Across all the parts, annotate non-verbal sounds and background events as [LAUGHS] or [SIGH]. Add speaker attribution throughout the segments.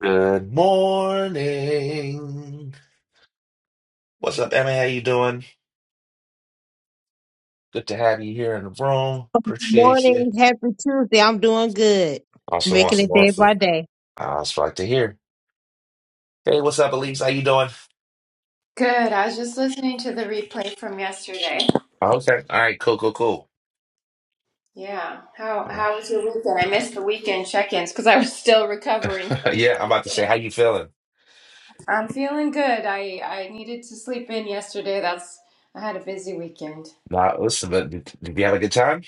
Speaker 1: Good morning. What's up, Emma? How you doing? Good to have you here in the room. Appreciate you.
Speaker 2: Morning, happy Tuesday. I'm doing good,
Speaker 1: Awesome,
Speaker 2: making
Speaker 1: awesome,
Speaker 2: it day
Speaker 1: awesome.
Speaker 2: by day.
Speaker 1: I was like to hear. Hey, what's up, Elise? How you doing?
Speaker 3: Good. I was just listening to the replay from yesterday.
Speaker 1: Okay. All right. Cool. Cool. Cool.
Speaker 3: Yeah. How
Speaker 1: All right.
Speaker 3: how was your weekend? I missed the weekend check-ins because I was still recovering.
Speaker 1: [LAUGHS] yeah, I'm about to say, how you feeling?
Speaker 3: I'm feeling good. I I needed to sleep in yesterday. That's I had a busy weekend.
Speaker 1: Nah, listen, but did, did you have a good time?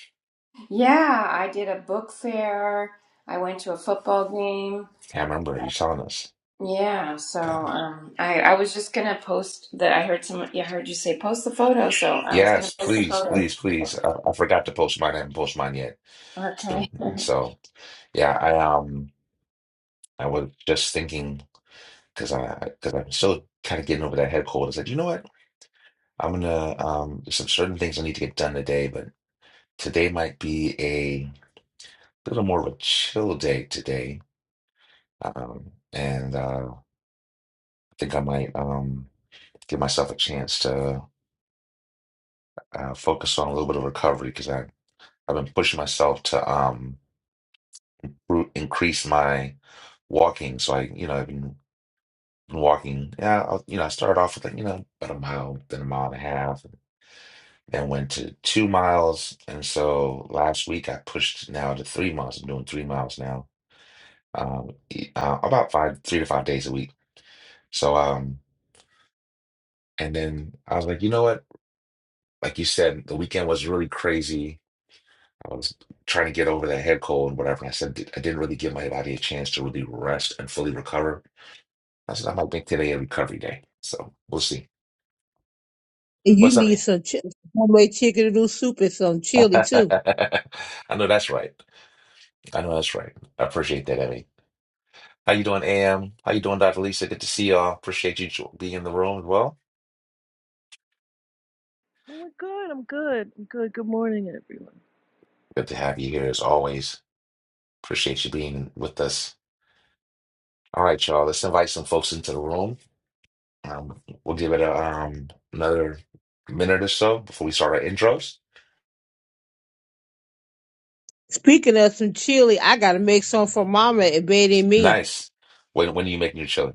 Speaker 3: Yeah, I did a book fair. I went to a football game.
Speaker 1: Can't remember. You telling us?
Speaker 3: Yeah, so
Speaker 1: Yeah.
Speaker 3: um I I was just gonna post that I heard some I heard you say post the photo, so I was gonna
Speaker 1: Yes,
Speaker 3: post the
Speaker 1: please,
Speaker 3: photo.
Speaker 1: please, please. I, I forgot to post mine. I haven't posted mine yet.
Speaker 3: Okay.
Speaker 1: So,
Speaker 3: [LAUGHS]
Speaker 1: so yeah, I um, I was just thinking. because I because I'm still kind of getting over that head cold. I said, you know what? I'm gonna um there's some certain things I need to get done today, but today might be a little more of a chill day today. Um, and uh, I think I might um give myself a chance to uh, focus on a little bit of recovery because I I've been pushing myself to um ru- increase my walking. So I you know I've been been walking. Yeah, I'll, you know I started off with like you know about a mile, then a mile and a half. then went to two miles. And so last week I pushed now to three miles. I'm doing three miles now, um, e- uh, about five, three to five days a week. So, um, and then I was like, you know what? Like you said, the weekend was really crazy. I was trying to get over that head cold and whatever. And I said, "Did- I didn't really give my body a chance to really rest and fully recover. I said, I might make today a recovery day. So we'll see.
Speaker 2: And you
Speaker 1: What's up?
Speaker 2: need
Speaker 1: Em?
Speaker 2: some ch- homemade chicken noodle soup and some
Speaker 1: [LAUGHS]
Speaker 2: chili too.
Speaker 1: I know that's right. I know that's right. I appreciate that, Emmy. How you doing, AM? How you doing, Dr. Lisa? Good to see y'all. Appreciate you jo- being in the room as well.
Speaker 4: Oh my God, I'm good. I'm good. Good morning, everyone.
Speaker 1: Good to have you here as always. Appreciate you being with us. All right, y'all. Let's invite some folks into the room. Um, we'll give it a, um, another minute or so before we start our intros.
Speaker 2: Speaking of some chili, I gotta make some for Mama and Betty and me.
Speaker 1: Nice. When when are you making your chili?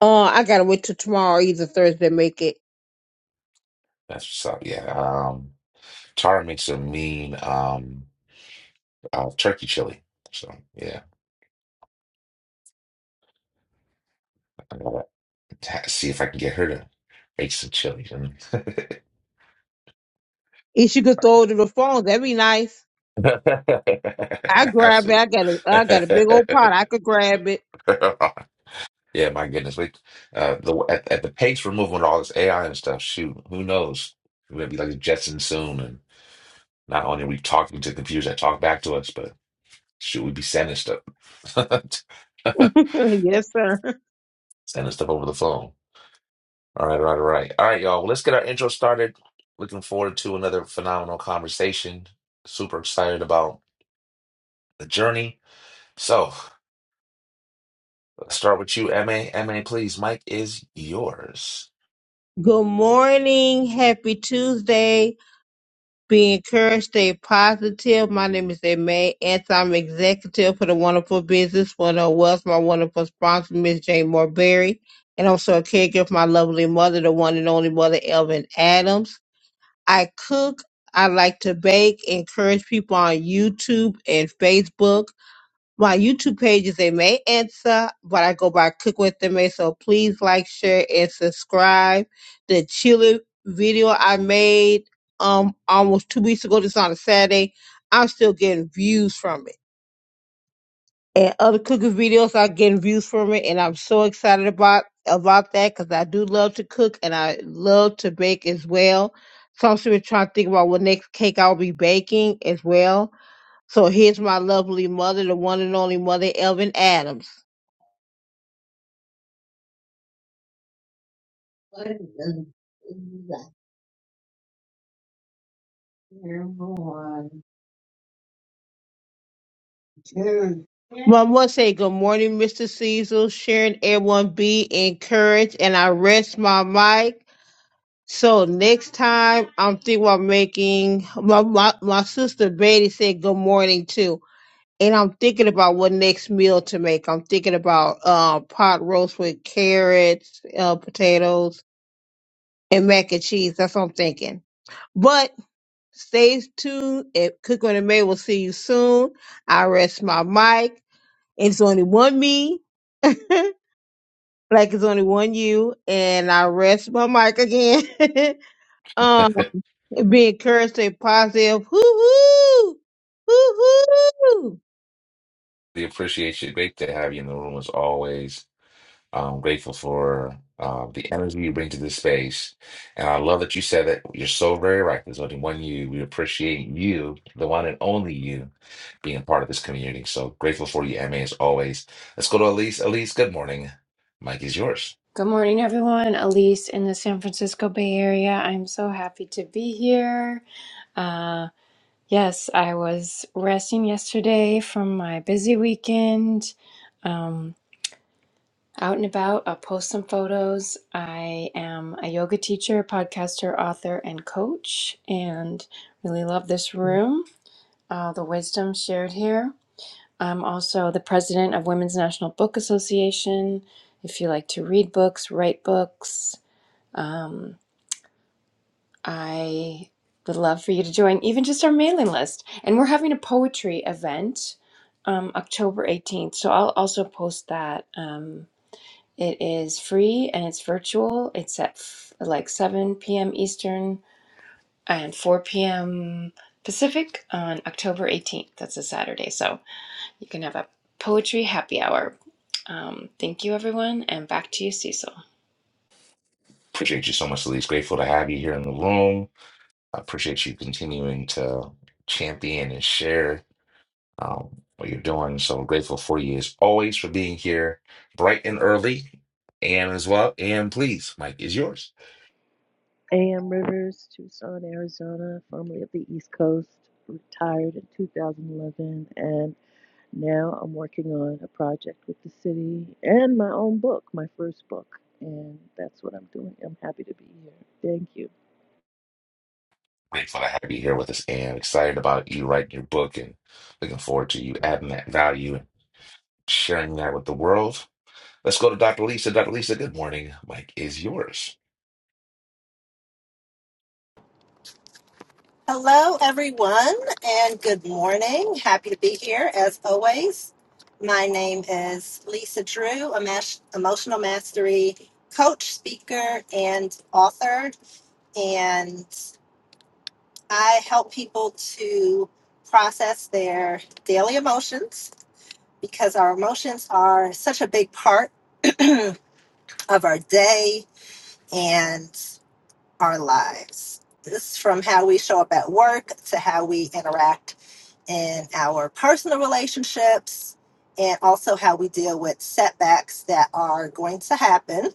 Speaker 2: Uh, I gotta wait till tomorrow, either Thursday, to make it.
Speaker 1: That's what's up. Yeah. Um, Tara makes a mean um, uh, turkey chili. So yeah, I gotta ha- see if I can get her to make some chili. [LAUGHS]
Speaker 2: If she could throw it in the phone, that'd be nice. I
Speaker 1: [LAUGHS]
Speaker 2: grab it.
Speaker 1: Absolutely.
Speaker 2: I got a, I got a big old pot.
Speaker 1: [LAUGHS]
Speaker 2: I could grab it.
Speaker 1: Yeah, my goodness. We uh the at, at the pace we're moving with all this AI and stuff, shoot, who knows? We're gonna be like the Jetson soon and not only are we talking to computers that talk back to us, but shoot, we'd be sending stuff. [LAUGHS]
Speaker 2: [LAUGHS] yes, sir.
Speaker 1: Sending stuff over the phone. All right, all right, all right. All right, y'all. Well, let's get our intro started. Looking forward to another phenomenal conversation. Super excited about the journey. So let's start with you, MA. MA, please. Mike is yours.
Speaker 2: Good morning. Happy Tuesday. Be encouraged, stay positive. My name is Aimee, and I'm executive for the Wonderful Business One oh Wealth. My wonderful sponsor, Miss Jane Morberry, and also a caregiver for my lovely mother, the one and only mother, Elvin Adams. I cook. I like to bake. Encourage people on YouTube and Facebook. My YouTube pages, they may answer, but I go by Cook with the May. So please like, share, and subscribe. The chili video I made um almost two weeks ago, this on a Saturday, I'm still getting views from it. And other cooking videos are getting views from it, and I'm so excited about about that because I do love to cook and I love to bake as well. So I'm still trying to think about what next cake I'll be baking as well so here's my lovely mother, the one and only mother, Elvin Adams. Mom must say good morning, Mr. Cecil, Sharon, everyone be encouraged, and I rest my mic. So next time, I'm thinking about making my, my my sister Betty said good morning too, and I'm thinking about what next meal to make. I'm thinking about uh, pot roast with carrots, uh, potatoes, and mac and cheese. That's what I'm thinking. But Stay tuned at Cook on the May. We'll see you soon. I rest my mic. It's only one me. [LAUGHS] like it's only one you. And I rest my mic again. [LAUGHS] um, be encouraged, stay positive. Hoo hoo! Hoo hoo!
Speaker 1: the appreciation. Great to have you in the room as always. I'm grateful for uh, the energy you bring to this space. And I love that you said that you're so very right. There's only one you. We appreciate you, the one and only you, being a part of this community. So grateful for you, MA, as always. Let's go to Elise. Elise, good morning. Mike is yours.
Speaker 3: Good morning, everyone. Elise in the San Francisco Bay Area. I'm so happy to be here. Uh, yes, I was resting yesterday from my busy weekend. Um, out and about, I'll post some photos. I am a yoga teacher, podcaster, author, and coach, and really love this room, all the wisdom shared here. I'm also the president of Women's National Book Association. If you like to read books, write books, um, I would love for you to join even just our mailing list. And we're having a poetry event um, October 18th. So I'll also post that. Um, it is free and it's virtual. It's at f- like 7 p.m. Eastern and 4 p.m. Pacific on October 18th. That's a Saturday. So you can have a poetry happy hour. Um, thank you, everyone. And back to you, Cecil.
Speaker 1: Appreciate you so much, Elise. Grateful to have you here in the room. I appreciate you continuing to champion and share um, what you're doing. So I'm grateful for you as always for being here bright and early. And as well, and please, Mike is yours.
Speaker 4: A.M. Rivers, Tucson, Arizona, formerly of the East Coast, retired in 2011, and now I'm working on a project with the city and my own book, my first book, and that's what I'm doing. I'm happy to be here. Thank you.
Speaker 1: Grateful to have you here with us, and excited about you writing your book, and looking forward to you adding that value and sharing that with the world. Let's go to Dr. Lisa. Dr. Lisa, good morning. Mike is yours.
Speaker 5: Hello, everyone, and good morning. Happy to be here as always. My name is Lisa Drew, a mas- emotional mastery coach, speaker, and author. And I help people to process their daily emotions because our emotions are such a big part of our day. and. our lives. This from how we show up at work to how we interact in our personal relationships and also how we deal with setbacks that are going to happen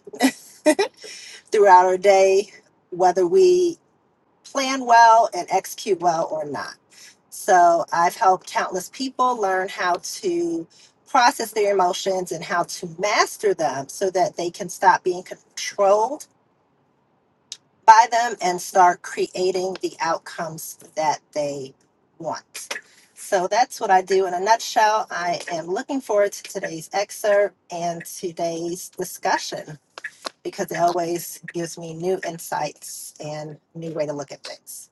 Speaker 5: [LAUGHS] throughout our day, whether we plan well and execute well or not. So I've helped countless people learn how to process their emotions and how to master them so that they can stop being controlled by them and start creating the outcomes that they want. So that's what I do in a nutshell. I am looking forward to today's excerpt and today's discussion because it always gives me new insights and new way to look at things.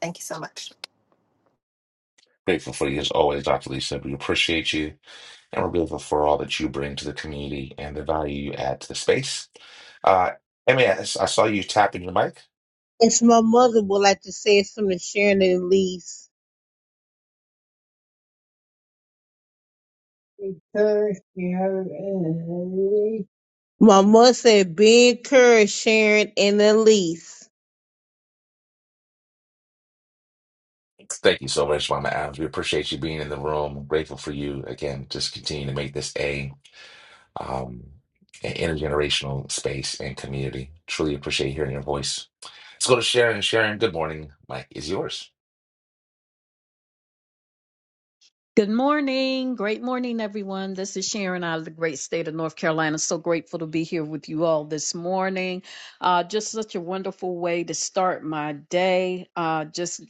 Speaker 5: Thank you so much.
Speaker 1: Grateful for you as always, Dr. Lisa. We appreciate you, and we're grateful for all that you bring to the community and the value you add to the space. Uh, MAS, I saw you tapping your mic.
Speaker 2: As my mother would like to say, it's from the Sharon and Elise. My mother said, be encouraged, Sharon and Elise.
Speaker 1: Thank you so much, Mama Adams. We appreciate you being in the room. Grateful for you again. Just continue to make this a um, an intergenerational space and community. Truly appreciate hearing your voice. Let's go to Sharon. Sharon, good morning. Mike is yours.
Speaker 6: Good morning. Great morning, everyone. This is Sharon out of the great state of North Carolina. So grateful to be here with you all this morning. Uh, just such a wonderful way to start my day. Uh, just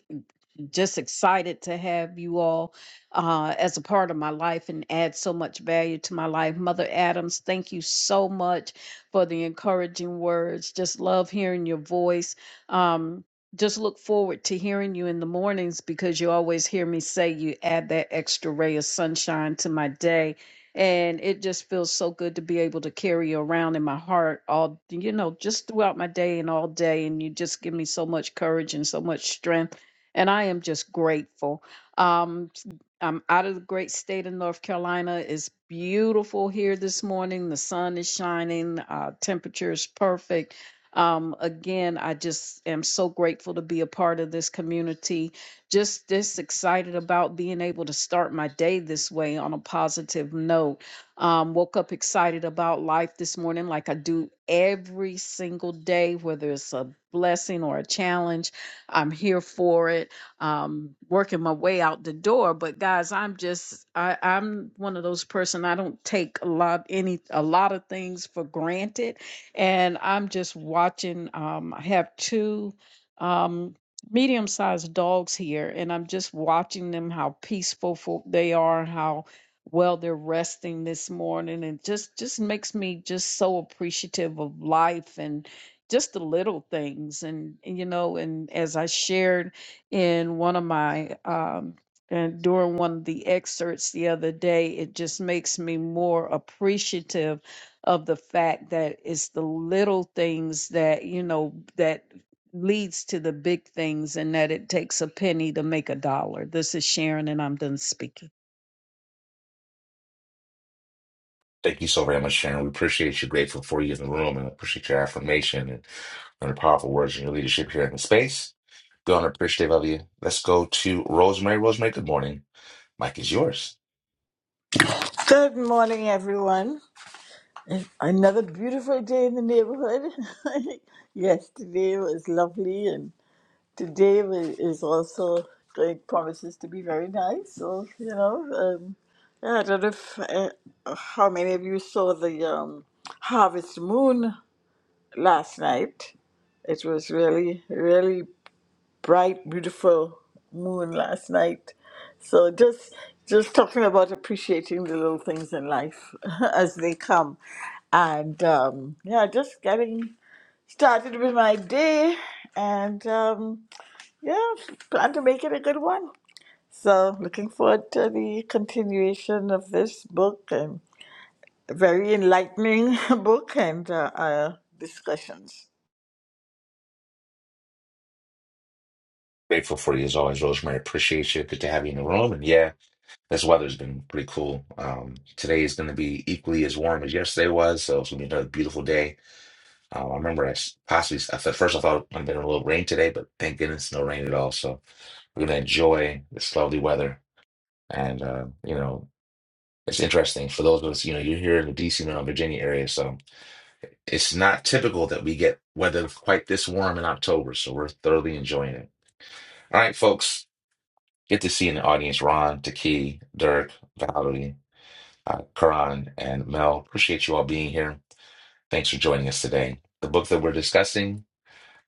Speaker 6: just excited to have you all uh, as a part of my life and add so much value to my life. Mother Adams, thank you so much for the encouraging words. Just love hearing your voice. Um, just look forward to hearing you in the mornings because you always hear me say you add that extra ray of sunshine to my day. And it just feels so good to be able to carry you around in my heart all, you know, just throughout my day and all day. And you just give me so much courage and so much strength and I am just grateful. Um, I'm out of the great state of North Carolina. It's beautiful here this morning. The sun is shining. Uh, temperature is perfect. Um, again, I just am so grateful to be a part of this community. Just this excited about being able to start my day this way on a positive note. Um, woke up excited about life this morning, like I do every single day, whether it's a blessing or a challenge. I'm here for it. Um, working my way out the door. But guys, I'm just I, I'm one of those person. I don't take a lot any a lot of things for granted, and I'm just watching. Um, I have two. Um, medium sized dogs here and I'm just watching them how peaceful fo- they are how well they're resting this morning and just just makes me just so appreciative of life and just the little things and, and, you know and as i shared in one of my um and during one of the excerpts the other day it just makes me more appreciative of the fact that it's the little things that you know that leads to the big things and that it takes a penny to make a dollar this is sharon and i'm done speaking
Speaker 1: Thank you so very much, Sharon. We appreciate you. Grateful for you in the room, and appreciate your affirmation and, and the powerful words and your leadership here in the space. Going to appreciative of you. Let's go to Rosemary. Rosemary, good morning. Mike is yours.
Speaker 7: Good morning, everyone. It's another beautiful day in the neighborhood. [LAUGHS] Yesterday was lovely, and today wa- is also it promises to be very nice. So you know, um, yeah, I don't know if, uh, how many of you saw the um, harvest moon last night. It was really, really bright, beautiful moon last night so just just talking about appreciating the little things in life [LAUGHS] as they come, and um, yeah, just getting started with my day, and um, yeah, plan to make it a good one. So looking forward to the continuation of this book and a very enlightening [LAUGHS] book and uh, uh, discussions.
Speaker 1: Grateful for you as always, Rosemary. Appreciate you. Good to have you in the room. And yeah. This weather's been pretty cool. Um, today is going to be equally as warm as yesterday was, so it's going to be another beautiful day. Um, I remember I s- possibly, at first I thought it might have been a little rain today, but thank goodness no rain at all. So we're going to enjoy this lovely weather. And, uh, you know, it's interesting for those of us, you know, you're here in the DC, Maryland, Virginia area. So it's not typical that we get weather quite this warm in October. So we're thoroughly enjoying it. All right, folks, get to see in the audience Ron, Taki, Dirk, Valerie. uh, Karan, and Mel. Appreciate you all being here. Thanks for joining us today. The book that we're discussing,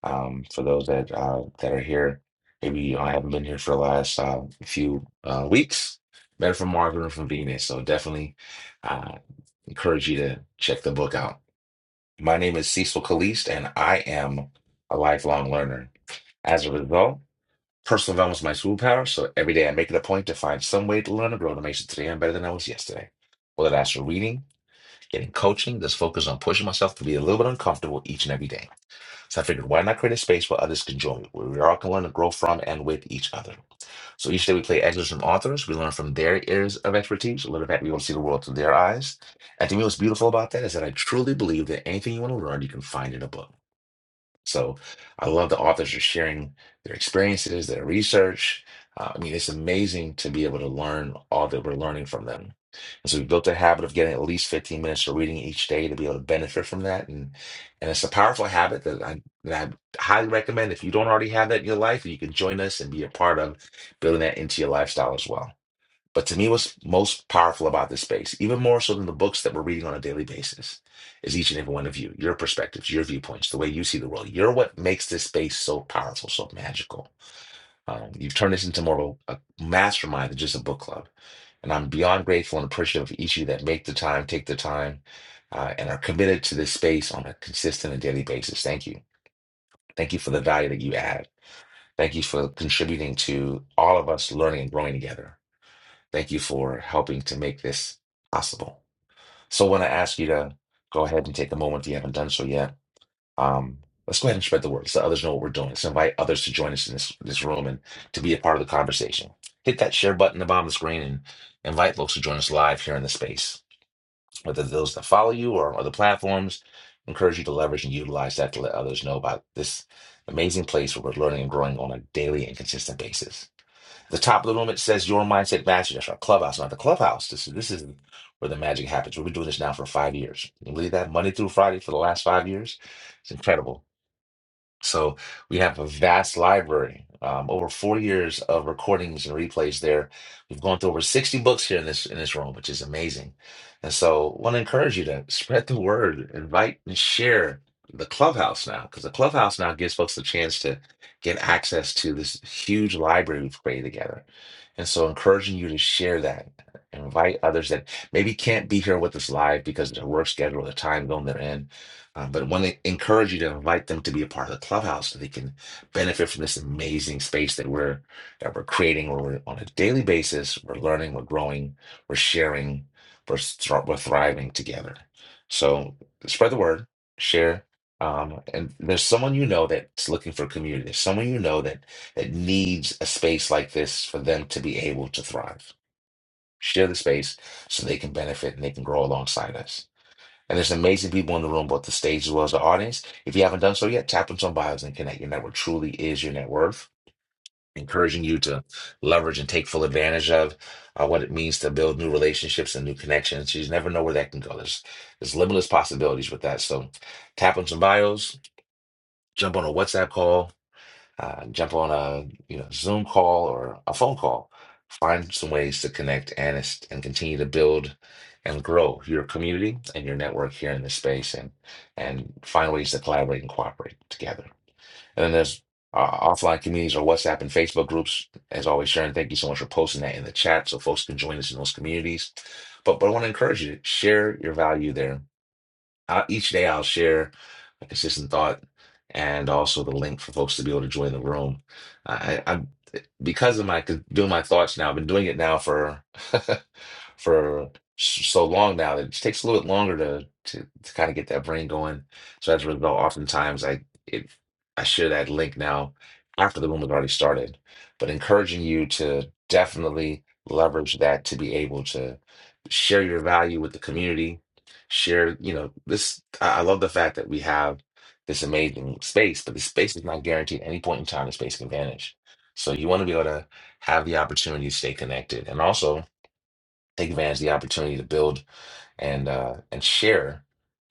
Speaker 1: um, for those that uh, that are here, maybe I haven't been here for the last uh, few uh, weeks. Better from Mars than from Venus. So definitely uh, encourage you to check the book out. My name is Cecil Caliste, and I am a lifelong learner. As a result, personal development is my superpower. So every day I make it a point to find some way to learn and grow to make sure today I'm better than I was yesterday. Whether that's through reading, Getting coaching that's focused on pushing myself to be a little bit uncomfortable each and every day. So I figured, why not create a space where others can join me, where we all can learn and grow from and with each other. So each day we play excerpts from authors. We learn from their areas of expertise, a little bit we want to see the world through their eyes. And to me, what's beautiful about that is that I truly believe that anything you want to learn, you can find in a book. So I love the authors are sharing their experiences, their research. Uh, I mean, it's amazing to be able to learn all that we're learning from them. And so we built a habit of getting at least 15 minutes of reading each day to be able to benefit from that. And and it's a powerful habit that I, that I highly recommend. If you don't already have that in your life, you can join us and be a part of building that into your lifestyle as well. But to me, what's most powerful about this space, even more so than the books that we're reading on a daily basis, is each and every one of you, your perspectives, your viewpoints, the way you see the world. You're what makes this space so powerful, so magical. Um, you've turned this into more of a, a mastermind than just a book club. And I'm beyond grateful and appreciative of each of you that make the time, take the time, uh, and are committed to this space on a consistent and daily basis. Thank you. Thank you for the value that you add. Thank you for contributing to all of us learning and growing together. Thank you for helping to make this possible. So, I want to ask you to go ahead and take a moment if you haven't done so yet. Um, let's go ahead and spread the word so others know what we're doing. Let's invite others to join us in this, this room and to be a part of the conversation. Hit that share button at the bottom of the screen and invite folks to join us live here in the space, whether those that follow you or other platforms. Encourage you to leverage and utilize that to let others know about this amazing place where we're learning and growing on a daily and consistent basis. The top of the room, it says Your Mindset Mastery. That's our clubhouse, not the clubhouse. This, this is where the magic happens. We've been doing this now for five years. Can you believe that? Monday through Friday for the last five years. It's incredible. So we have a vast library, um, over four years of recordings and replays there. We've gone through over 60 books here in this in this room, which is amazing. And so want to encourage you to spread the word, invite and share the clubhouse now, because the clubhouse now gives folks the chance to get access to this huge library we've created together. And so encouraging you to share that. Invite others that maybe can't be here with us live because of their work schedule, the time zone they're in uh, but I want to encourage you to invite them to be a part of the clubhouse so they can benefit from this amazing space that we're that we're creating where we're on a daily basis we're learning we're growing we're sharing we're, thr- we're thriving together so spread the word share um, and there's someone you know that's looking for community there's someone you know that that needs a space like this for them to be able to thrive share the space so they can benefit and they can grow alongside us and there's amazing people in the room, both the stage as well as the audience. If you haven't done so yet, tap into some bios and connect. Your network truly is your net worth. Encouraging you to leverage and take full advantage of uh, what it means to build new relationships and new connections. You just never know where that can go. There's, there's limitless possibilities with that. So tap on some bios, jump on a WhatsApp call, uh, jump on a you know Zoom call or a phone call. Find some ways to connect and es- and continue to build and grow your community and your network here in this space, and and find ways to collaborate and cooperate together. And then there's uh, offline communities or WhatsApp and Facebook groups. As always, Sharon, thank you so much for posting that in the chat so folks can join us in those communities. But but I want to encourage you to share your value there I, each day I'll share a consistent thought and also the link for folks to be able to join the room. I, I am because of my doing my thoughts now. I've been doing it now for [LAUGHS] for s- so long now that it just takes a little bit longer to to, to kind of get that brain going. So as a result, oftentimes I it I share that link now after the room has already started. But encouraging you to definitely leverage that to be able to share your value with the community share, you know, this I I love the fact that we have this amazing space, but the space is not guaranteed at any point in time the space can vanish. So you want to be able to have the opportunity to stay connected and also take advantage of the opportunity to build and uh and share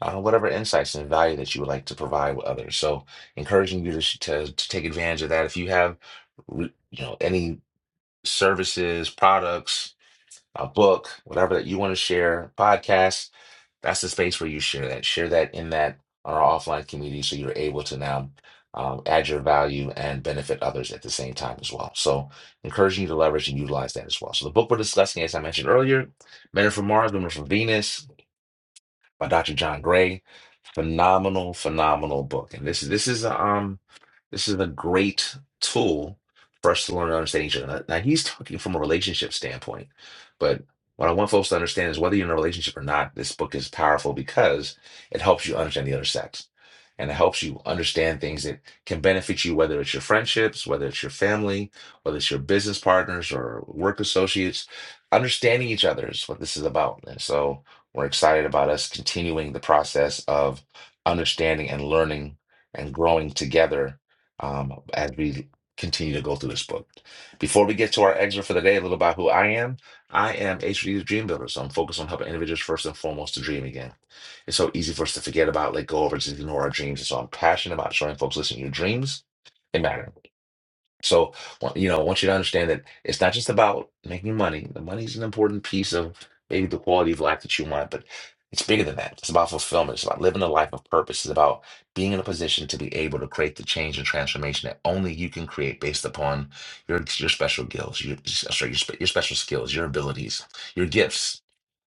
Speaker 1: uh, whatever insights and value that you would like to provide with others. So encouraging you to sh- to, to take advantage of that. If you have re- you know any services, products, a book, whatever that you want to share, podcast, that's the space where you share that. Share that in that on our offline community so you're able to now um, add your value and benefit others at the same time as well. So, encouraging you to leverage and utilize that as well. So, the book we're discussing, as I mentioned earlier, Men Are from Mars, Women Are from Venus by Dr. John Gray. Phenomenal, phenomenal book. And this is this is um this is a great tool for us to learn to understand each other. Now, he's talking from a relationship standpoint, but what I want folks to understand is whether you're in a relationship or not, this book is powerful because it helps you understand the other sex and it helps you understand things that can benefit you, whether it's your friendships, whether it's your family, whether it's your business partners or work associates. Understanding each other is what this is about. And so we're excited about us continuing the process of understanding and learning and growing together um, as we continue to go through this book. Before we get to our excerpt for the day, a little about who I am. I am HD's Dream Builder, so I'm focused on helping individuals first and foremost to dream again. It's so easy for us to forget about, let go of, or just ignore our dreams. And so I'm passionate about showing folks, listen, your dreams, they matter. So, wa- you know, I want you to understand that it's not just about making money. The money's an important piece of maybe the quality of life that you want, but it's bigger than that. It's about fulfillment. It's about living a life of purpose. It's about being in a position to be able to create the change and transformation that only you can create based upon your your special skills, your sorry, your, spe- your special skills, your abilities, your gifts.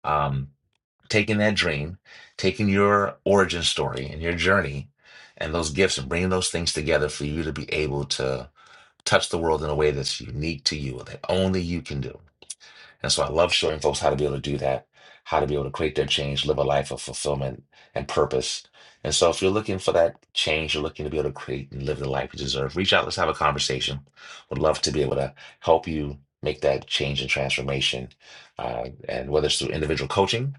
Speaker 1: Um, taking that dream, taking your origin story and your journey and those gifts and bringing those things together for you to be able to touch the world in a way that's unique to you, that only you can do. And so I love showing folks how to be able to do that, how to be able to create their change, live a life of fulfillment and purpose. And so if you're looking for that change, you're looking to be able to create and live the life you deserve, reach out, let's have a conversation. Would love to be able to help you make that change and transformation. Uh, and whether it's through individual coaching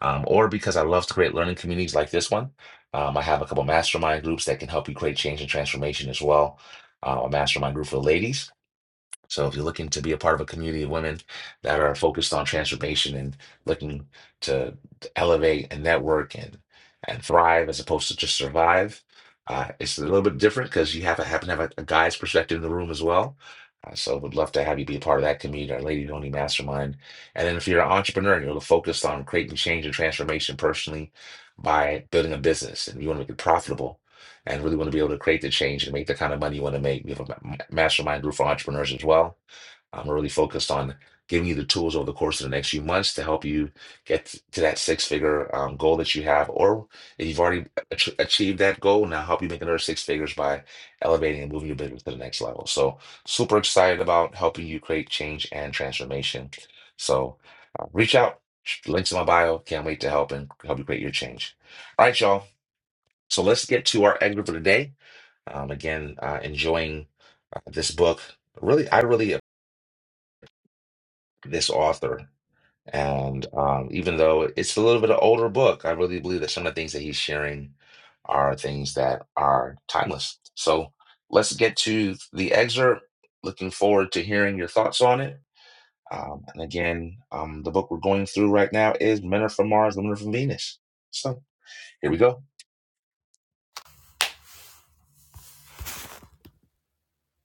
Speaker 1: um, or because I love to create learning communities like this one, um, I have a couple mastermind groups that can help you create change and transformation as well. Uh, a mastermind group for ladies so if you're looking to be a part of a community of women that are focused on transformation and looking to elevate and network and and thrive as opposed to just survive, uh, it's a little bit different because you have to happen to have a, a guy's perspective in the room as well. Uh, so would love to have you be a part of that community, our Lady Only Mastermind. And then if you're an entrepreneur and you're focused on creating change and transformation personally by building a business and you want to make it profitable and really want to be able to create the change and make the kind of money you want to make, we have a ma- mastermind group for entrepreneurs as well I'm really focused on giving you the tools over the course of the next few months to help you get to that six figure um, goal that you have. Or if you've already ach- achieved that goal, now help you make another six figures by elevating and moving your business to the next level. So, super excited about helping you create change and transformation. So, uh, reach out. Links in my bio. Can't wait to help and help you create your change. All right, y'all. So let's get to our excerpt for today. Um, again, uh, enjoying uh, this book. Really, I really this author. And um, even though it's a little bit of older book, I really believe that some of the things that he's sharing are things that are timeless. So let's get to the excerpt. Looking forward to hearing your thoughts on it. Um, and again, um, the book we're going through right now is Men Are From Mars, Women Are From Venus. So here we go.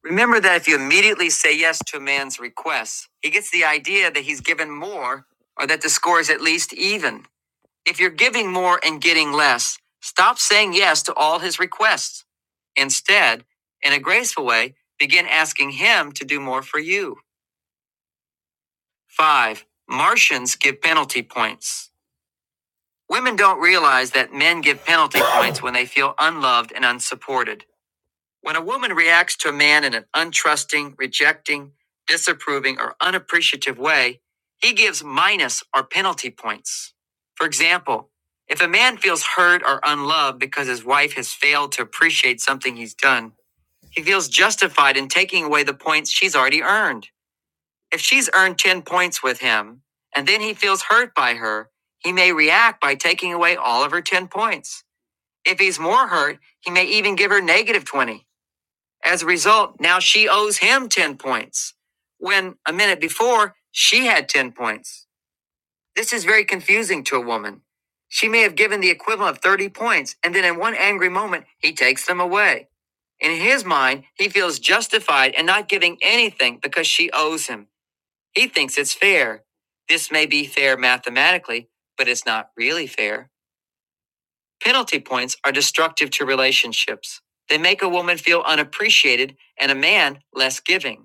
Speaker 1: Remember that if you immediately say yes to a man's requests, he gets the idea that he's given more or that the score is at least even. If you're giving more and getting less, stop saying yes to all his requests. Instead, in a graceful way, begin asking him to do more for you. Five, Martians give penalty points. Women don't realize that men give penalty points when they feel unloved and unsupported. When a woman reacts to a man in an untrusting, rejecting, disapproving, or unappreciative way, he gives minus or penalty points. For example, if a man feels hurt or unloved because his wife has failed to appreciate something he's done, he feels justified in taking away the points she's already earned. If she's earned 10 points with him, and then he feels hurt by her, he may react by taking away all of her 10 points. If he's more hurt, he may even give her negative 20. As a result, now she owes him 10 points when a minute before she had 10 points. This is very confusing to a woman. She may have given the equivalent of 30 points, and then in one angry moment, he takes them away. In his mind, he feels justified in not giving anything because she owes him. He thinks it's fair. This may be fair mathematically, but it's not really fair. Penalty points are destructive to relationships. They make a woman feel unappreciated and a man less giving.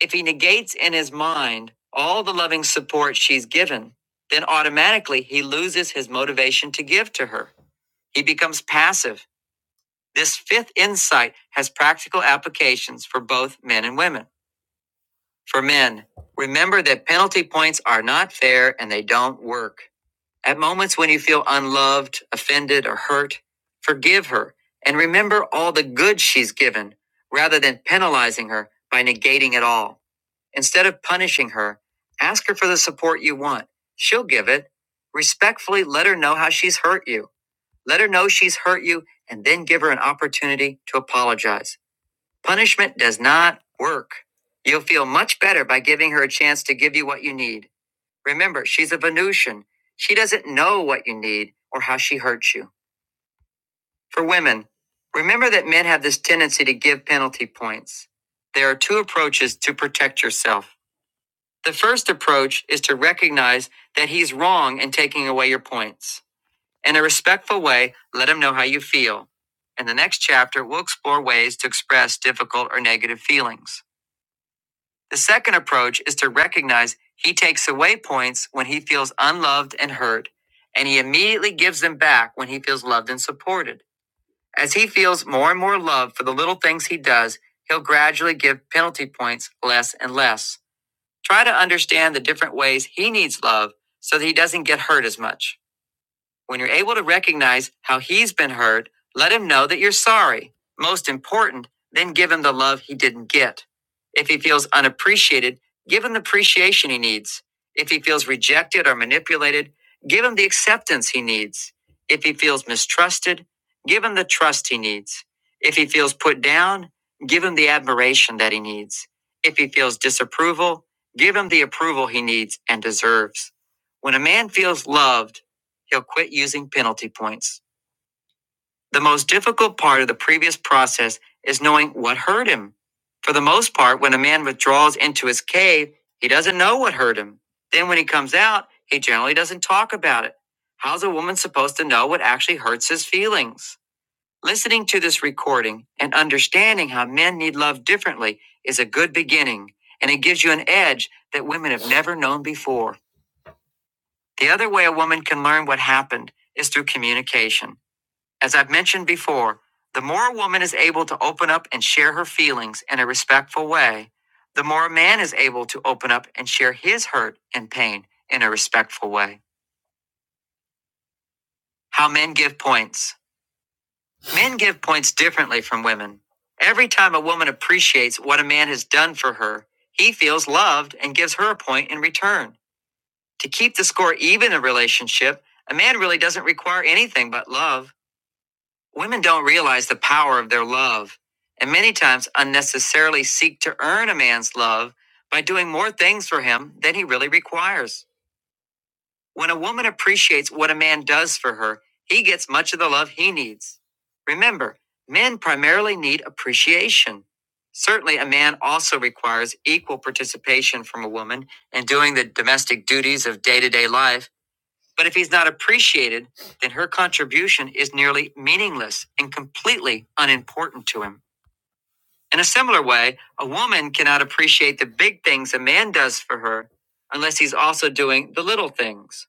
Speaker 1: If he negates in his mind all the loving support she's given, then automatically he loses his motivation to give to her. He becomes passive. This fifth insight has practical applications for both men and women. For men, remember that penalty points are not fair and they don't work. At moments when you feel unloved, offended, or hurt, forgive her and remember all the good she's given rather than penalizing her by negating it all. Instead of punishing her, ask her for the support you want. She'll give it. Respectfully let her know how she's hurt you. Let her know she's hurt you and then give her an opportunity to apologize. Punishment does not work. You'll feel much better by giving her a chance to give you what you need. Remember, she's a Venusian. She doesn't know what you need or how she hurts you. For women, remember that men have this tendency to give penalty points. There are two approaches to protect yourself. The first approach is to recognize that he's wrong in taking away your points. In a respectful way, let him know how you feel. In the next chapter, we'll explore ways to express difficult or negative feelings. The second approach is to recognize he takes away points when he feels unloved and hurt, and he immediately gives them back when he feels loved and supported. As he feels more and more love for the little things he does, he'll gradually give penalty points less and less. Try to understand the different ways he needs love so that he doesn't get hurt as much. When you're able to recognize how he's been hurt, let him know that you're sorry. Most important, then give him the love he didn't get. If he feels unappreciated, give him the appreciation he needs. If he feels rejected or manipulated, give him the acceptance he needs. If he feels mistrusted, give him the trust he needs. If he feels put down, give him the admiration that he needs. If he feels disapproval, give him the approval he needs and deserves. When a man feels loved, he'll quit using penalty points. The most difficult part of the previous process is knowing what hurt him. For the most part, when a man withdraws into his cave, he doesn't know what hurt him. Then when he comes out, he generally doesn't talk about it. How's a woman supposed to know what actually hurts his feelings? Listening to this recording and understanding how men need love differently is a good beginning, and it gives you an edge that women have never known before. The other way a woman can learn what happened is through communication. As I've mentioned before, the more a woman is able to open up and share her feelings in a respectful way, the more a man is able to open up and share his hurt and pain in a respectful way. How men give points. Men give points differently from women. Every time a woman appreciates what a man has done for her, he feels loved and gives her a point in return. To keep the score even in a relationship, a man really doesn't require anything but love. Women don't realize the power of their love and many times unnecessarily seek to earn a man's love by doing more things for him than he really requires. When a woman appreciates what a man does for her, he gets much of the love he needs. Remember, men primarily need appreciation. Certainly, a man also requires equal participation from a woman in doing the domestic duties of day to day life but if he's not appreciated, then her contribution is nearly meaningless and completely unimportant to him. In a similar way, a woman cannot appreciate the big things a man does for her unless he's also doing the little things.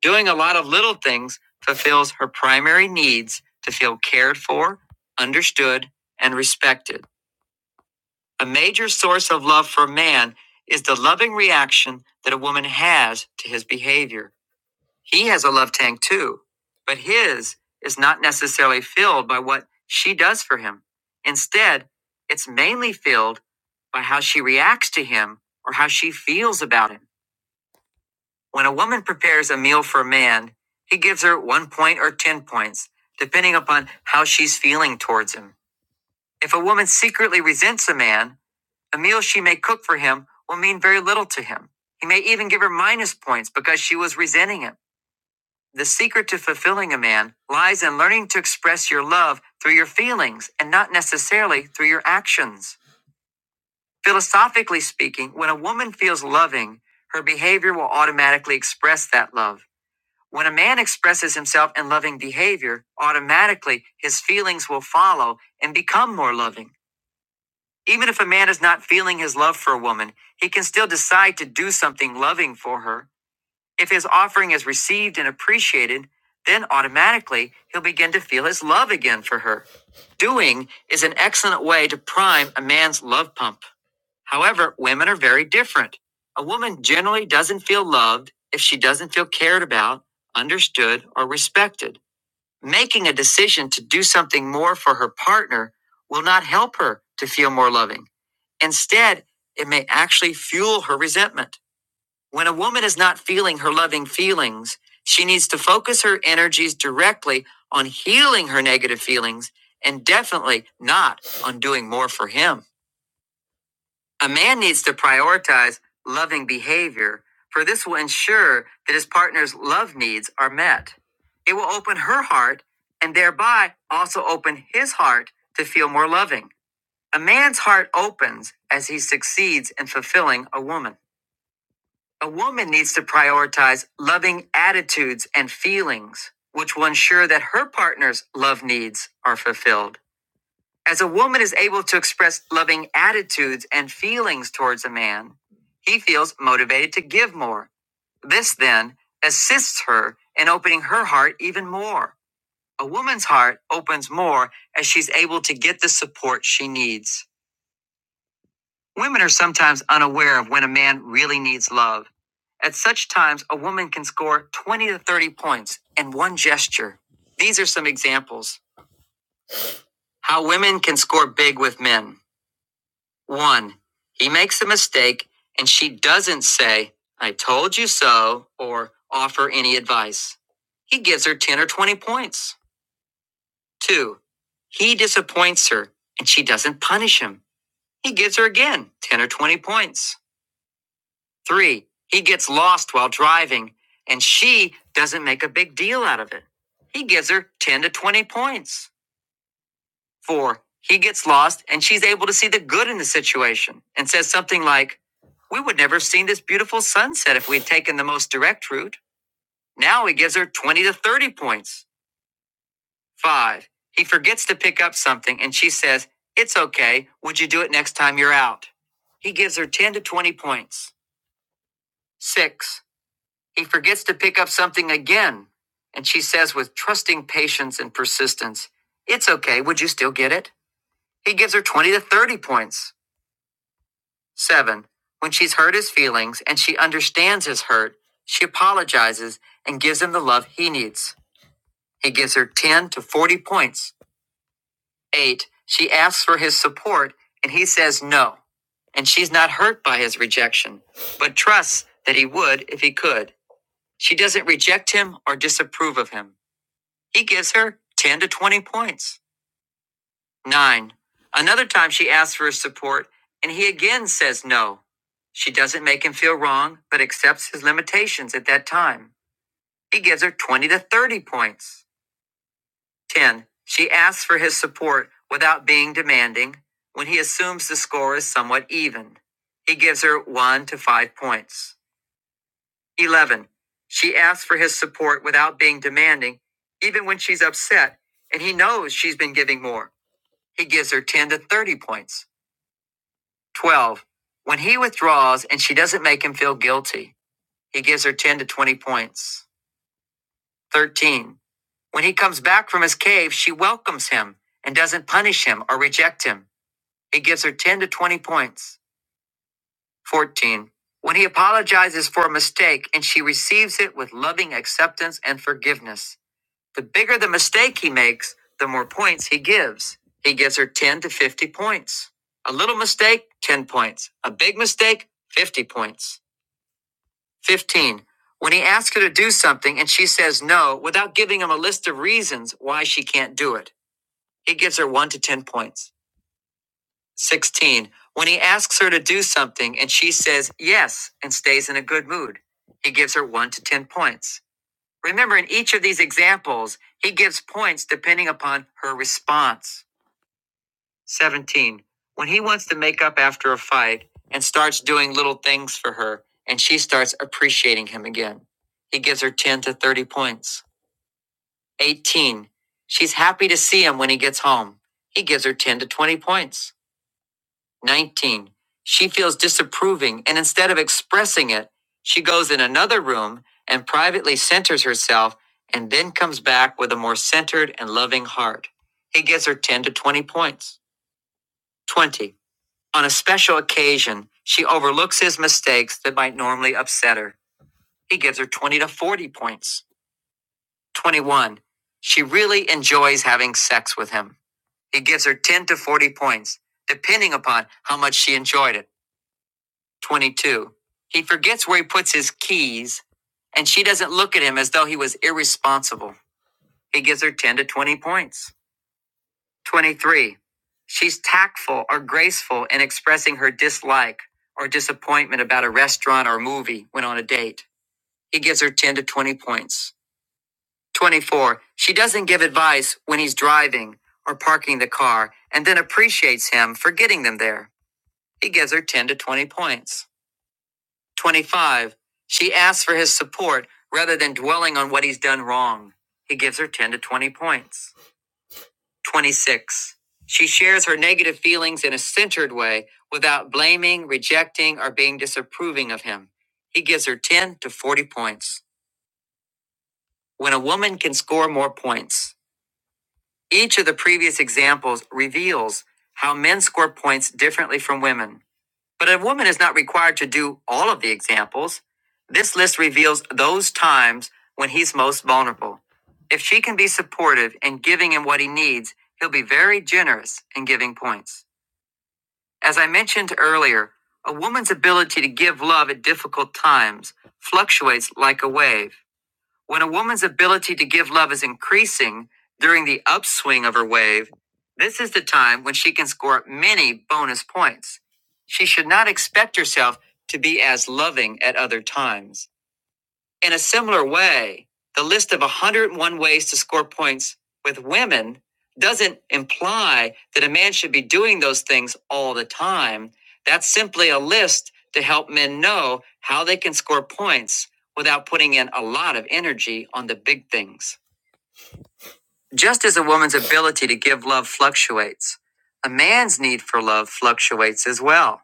Speaker 1: Doing a lot of little things fulfills her primary needs to feel cared for, understood, and respected. A major source of love for a man is the loving reaction that a woman has to his behavior. He has a love tank too, but his is not necessarily filled by what she does for him. Instead, it's mainly filled by how she reacts to him or how she feels about him. When a woman prepares a meal for a man, he gives her one point or 10 points, depending upon how she's feeling towards him. If a woman secretly resents a man, a meal she may cook for him will mean very little to him. He may even give her minus points because she was resenting him. The secret to fulfilling a man lies in learning to express your love through your feelings and not necessarily through your actions. Philosophically speaking, when a woman feels loving, her behavior will automatically express that love. When a man expresses himself in loving behavior, automatically his feelings will follow and become more loving. Even if a man is not feeling his love for a woman, he can still decide to do something loving for her if his offering is received and appreciated, then automatically he'll begin to feel his love again for her. Doing is an excellent way to prime a man's love pump. However, women are very different. A woman generally doesn't feel loved if she doesn't feel cared about, understood, or respected. Making a decision to do something more for her partner will not help her to feel more loving. Instead, it may actually fuel her resentment. When a woman is not feeling her loving feelings, she needs to focus her energies directly on healing her negative feelings and definitely not on doing more for him. A man needs to prioritize loving behavior, for this will ensure that his partner's love needs are met. It will open her heart and thereby also open his heart to feel more loving. A man's heart opens as he succeeds in fulfilling a woman. A woman needs to prioritize loving attitudes and feelings, which will ensure that her partner's love needs are fulfilled. As a woman is able to express loving attitudes and feelings towards a man, he feels motivated to give more. This then assists her in opening her heart even more. A woman's heart opens more as she's able to get the support she needs. Women are sometimes unaware of when a man really needs love. At such times, a woman can score 20 to 30 points in one gesture. These are some examples how women can score big with men. One, he makes a mistake and she doesn't say, I told you so, or offer any advice. He gives her 10 or 20 points. Two, he disappoints her and she doesn't punish him. He gives her again 10 or 20 points. Three, he gets lost while driving, and she doesn't make a big deal out of it. He gives her 10 to 20 points. Four, he gets lost, and she's able to see the good in the situation and says something like, We would never have seen this beautiful sunset if we'd taken the most direct route. Now he gives her 20 to 30 points. Five, he forgets to pick up something, and she says, It's okay. Would you do it next time you're out? He gives her 10 to 20 points. Six, He forgets to pick up something again. And she says, with trusting patience and persistence, It's okay. Would you still get it? He gives her 20 to 30 points. Seven, when she's hurt his feelings and she understands his hurt, she apologizes and gives him the love he needs. He gives her 10 to 40 points. Eight, she asks for his support and he says no. And she's not hurt by his rejection, but trusts that he would if he could. She doesn't reject him or disapprove of him. He gives her 10 to 20 points. 9. Another time she asks for his support, and he again says no. She doesn't make him feel wrong, but accepts his limitations at that time. He gives her 20 to 30 points. 10. She asks for his support without being demanding when he assumes the score is somewhat even. He gives her 1 to 5 points. 11. She asks for his support without being demanding, even when she's upset, and he knows she's been giving more. he gives her 10 to 30 points. 12. When he withdraws and she doesn't make him feel guilty, he gives her 10 to 20 points. 13. When he comes back from his cave, she welcomes him and doesn't punish him or reject him. He gives her 10 to 20 points. 14. When he apologizes for a mistake and she receives it with loving acceptance and forgiveness, The bigger the mistake he makes, the more points he gives. He gives her 10 to 50 points. A little mistake, 10 points. A big mistake, 50 points. 15. When he asks her to do something and she says no without giving him a list of reasons why she can't do it, he gives her 1 to 10 points. 16. When he asks her to do something and she says yes and stays in a good mood, he gives her 1 to 10 points. Remember, in each of these examples, he gives points depending upon her response. 17. When he wants to make up after a fight and starts doing little things for her, and she starts appreciating him again, he gives her 10 to 30 points. 18. She's happy to see him when he gets home. He gives her 10 to 20 points. 19. She feels disapproving, and instead of expressing it, she goes in another room and privately centers herself and then comes back with a more centered and loving heart. He gives her 10 to 20 points. 20. On a special occasion, she overlooks his mistakes that might normally upset her. He gives her 20 to 40 points. 21. She really enjoys having sex with him. He gives her 10 to 40 points, depending upon how much she enjoyed it. 22. He forgets where he puts his keys, and she doesn't look at him as though he was irresponsible. He gives her 10 to 20 points. 23. She's tactful or graceful in expressing her dislike or disappointment about a restaurant or movie when on a date. He gives her 10 to 20 points. 24. She doesn't give advice when he's driving or parking the car and then appreciates him for getting them there. He gives her 10 to 20 points. 25. She asks for his support rather than dwelling on what he's done wrong. He gives her 10 to 20 points. 26. She shares her negative feelings in a centered way without blaming, rejecting, or being disapproving of him. He gives her 10 to 40 points. When a woman can score more points, each of the previous examples reveals how men score points differently from women. But a woman is not required to do all of the examples. This list reveals those times when he's most vulnerable. If she can be supportive in giving him what he needs, he'll be very generous in giving points. As I mentioned earlier, a woman's ability to give love at difficult times fluctuates like a wave. When a woman's ability to give love is increasing during the upswing of her wave, this is the time when she can score many bonus points. She should not expect herself to be as loving at other times. In a similar way, the list of 101 ways to score points with women doesn't imply that a man should be doing those things all the time. That's simply a list to help men know how they can score points without putting in a lot of energy on the big things. Just as a woman's ability to give love fluctuates, a man's need for love fluctuates as well.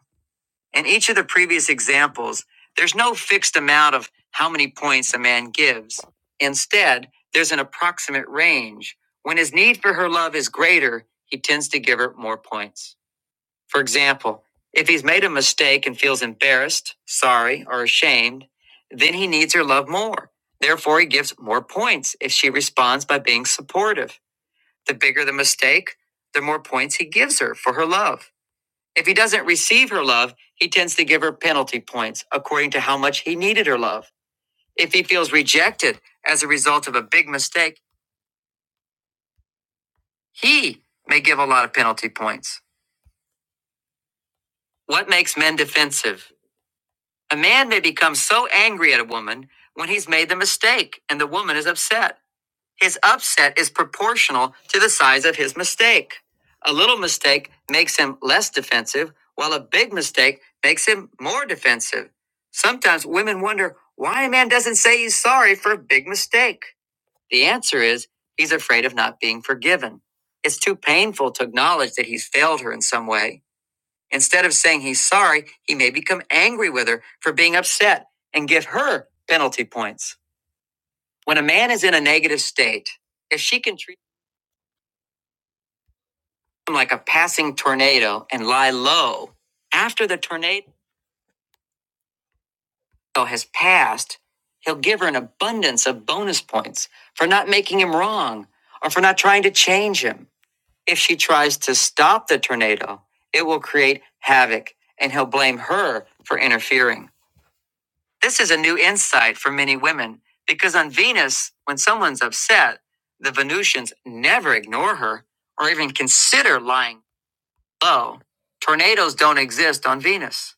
Speaker 1: In each of the previous examples, there's no fixed amount of how many points a man gives. Instead, there's an approximate range. When his need for her love is greater, he tends to give her more points. For example, if he's made a mistake and feels embarrassed, sorry, or ashamed, then he needs her love more. Therefore, he gives more points if she responds by being supportive. The bigger the mistake, the more points he gives her for her love. If he doesn't receive her love, he tends to give her penalty points according to how much he needed her love. If he feels rejected as a result of a big mistake, he may give a lot of penalty points. What makes men defensive? A man may become so angry at a woman when he's made the mistake and the woman is upset. His upset is proportional to the size of his mistake. A little mistake makes him less defensive, while a big mistake makes him more defensive. Sometimes women wonder why a man doesn't say he's sorry for a big mistake. The answer is he's afraid of not being forgiven. It's too painful to acknowledge that he's failed her in some way. Instead of saying he's sorry, he may become angry with her for being upset and give her penalty points. When a man is in a negative state, if she can treat like a passing tornado and lie low. After the tornado has passed, he'll give her an abundance of bonus points for not making him wrong or for not trying to change him. If she tries to stop the tornado, it will create havoc and he'll blame her for interfering. This is a new insight for many women because on Venus, when someone's upset, the Venusians never ignore her or even consider lying Low. Tornadoes don't exist on Venus.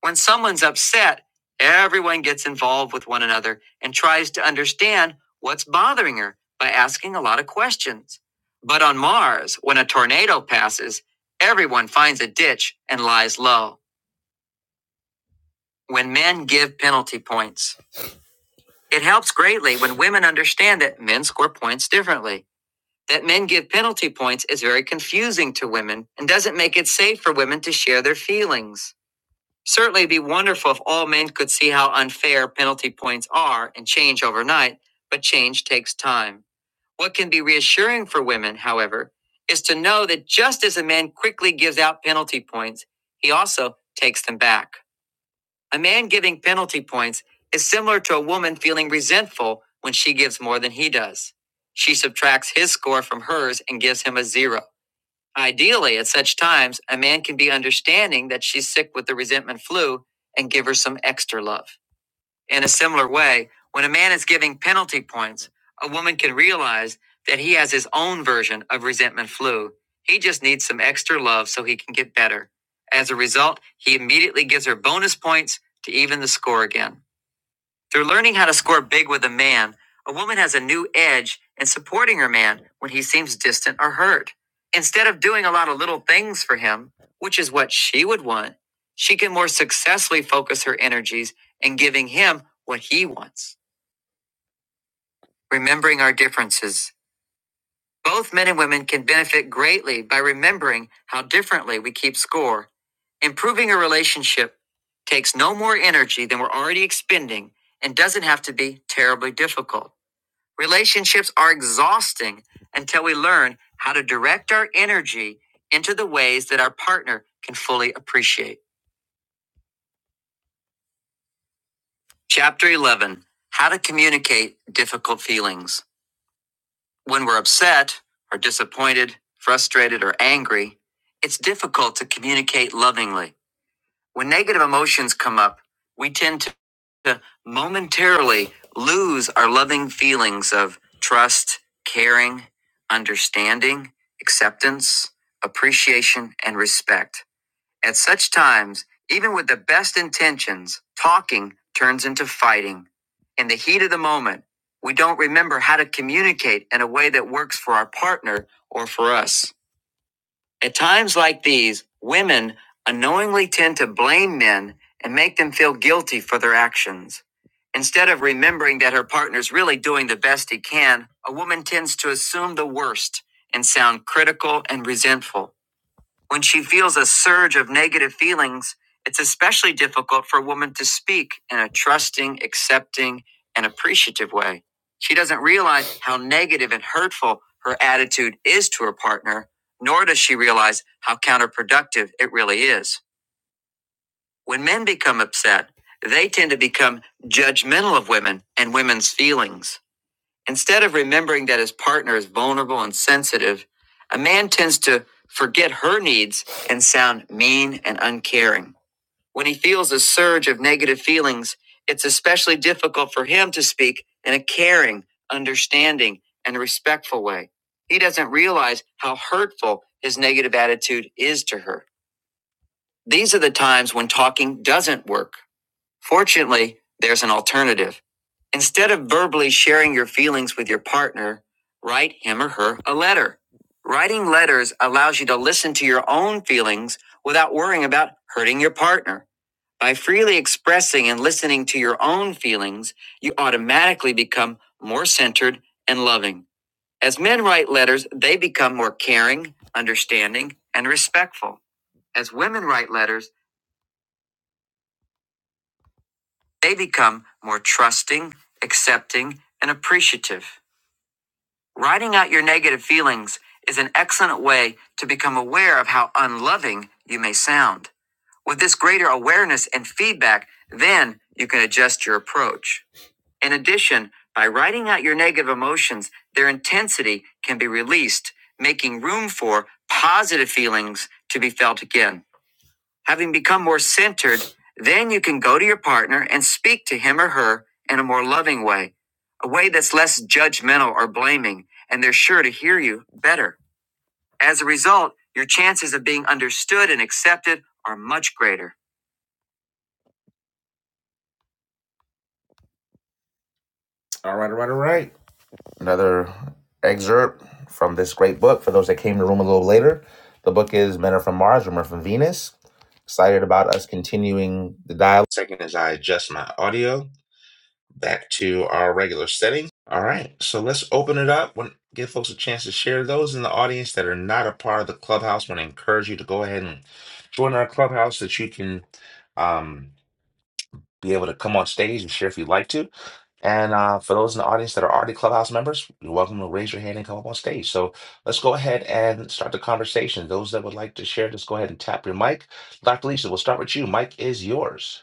Speaker 1: When someone's upset, everyone gets involved with one another and tries to understand what's bothering her by asking a lot of questions. But on Mars, when a tornado passes, everyone finds a ditch and lies low. When men give penalty points, it helps greatly when women understand that men score points differently. That men give penalty points is very confusing to women and doesn't make it safe for women to share their feelings. Certainly, it'd be wonderful if all men could see how unfair penalty points are and change overnight, but change takes time. What can be reassuring for women, however, is to know that just as a man quickly gives out penalty points, he also takes them back. A man giving penalty points is similar to a woman feeling resentful when she gives more than he does. She subtracts his score from hers and gives him a zero. Ideally, at such times, a man can be understanding that she's sick with the resentment flu and give her some extra love. In a similar way, when a man is giving penalty points, a woman can realize that he has his own version of resentment flu. He just needs some extra love so he can get better. As a result, he immediately gives her bonus points to even the score again. Through learning how to score big with a man, a woman has a new edge in supporting her man when he seems distant or hurt. Instead of doing a lot of little things for him, which is what she would want, she can more successfully focus her energies in giving him what he wants. Remembering our differences. Both men and women can benefit greatly by remembering how differently we keep score. Improving a relationship takes no more energy than we're already expending and doesn't have to be terribly difficult. Relationships are exhausting until we learn how to direct our energy into the ways that our partner can fully appreciate. Chapter 11 How to Communicate Difficult Feelings. When we're upset, or disappointed, frustrated, or angry, it's difficult to communicate lovingly. When negative emotions come up, we tend to to momentarily lose our loving feelings of trust, caring, understanding, acceptance, appreciation, and respect. At such times, even with the best intentions, talking turns into fighting. In the heat of the moment, we don't remember how to communicate in a way that works for our partner or for us. At times like these, women unknowingly tend to blame men and make them feel guilty for their actions. Instead of remembering that her partner's really doing the best he can, a woman tends to assume the worst and sound critical and resentful. When she feels a surge of negative feelings, it's especially difficult for a woman to speak in a trusting, accepting, and appreciative way. She doesn't realize how negative and hurtful her attitude is to her partner, nor does she realize how counterproductive it really is. When men become upset, they tend to become judgmental of women and women's feelings. Instead of remembering that his partner is vulnerable and sensitive, a man tends to forget her needs and sound mean and uncaring. When he feels a surge of negative feelings, it's especially difficult for him to speak in a caring, understanding, and respectful way. He doesn't realize how hurtful his negative attitude is to her. These are the times when talking doesn't work. Fortunately, there's an alternative. Instead of verbally sharing your feelings with your partner, write him or her a letter. Writing letters allows you to listen to your own feelings without worrying about hurting your partner. By freely expressing and listening to your own feelings, you automatically become more centered and loving. As men write letters, they become more caring, understanding, and respectful. As women write letters, They become more trusting, accepting, and appreciative. Writing out your negative feelings is an excellent way to become aware of how unloving you may sound. With this greater awareness and feedback, then you can adjust your approach. In addition, by writing out your negative emotions, their intensity can be released, making room for positive feelings to be felt again. Having become more centered, then you can go to your partner and speak to him or her in a more loving way, a way that's less judgmental or blaming, and they're sure to hear you better. As a result, your chances of being understood and accepted are much greater. All right, all right, all right. Another excerpt from this great book for those that came to the room a little later. The book is Men Are From Mars, Women Are From Venus. Excited about us continuing the dialogue. Second, as I adjust my audio. back to our regular setting. All right, so let's open it up. When, give folks a chance to share. Those in the audience that are not a part of the clubhouse, want to encourage you to go ahead and join our clubhouse so that you can um, be able to come on stage and share if you'd like to. And uh, for those in the audience that are already clubhouse members, you're welcome to raise your hand and come up on stage. So let's go ahead and start the conversation. Those that would like to share, just go ahead and tap your mic. Dr. Lisa, we'll start with you. Mic is yours.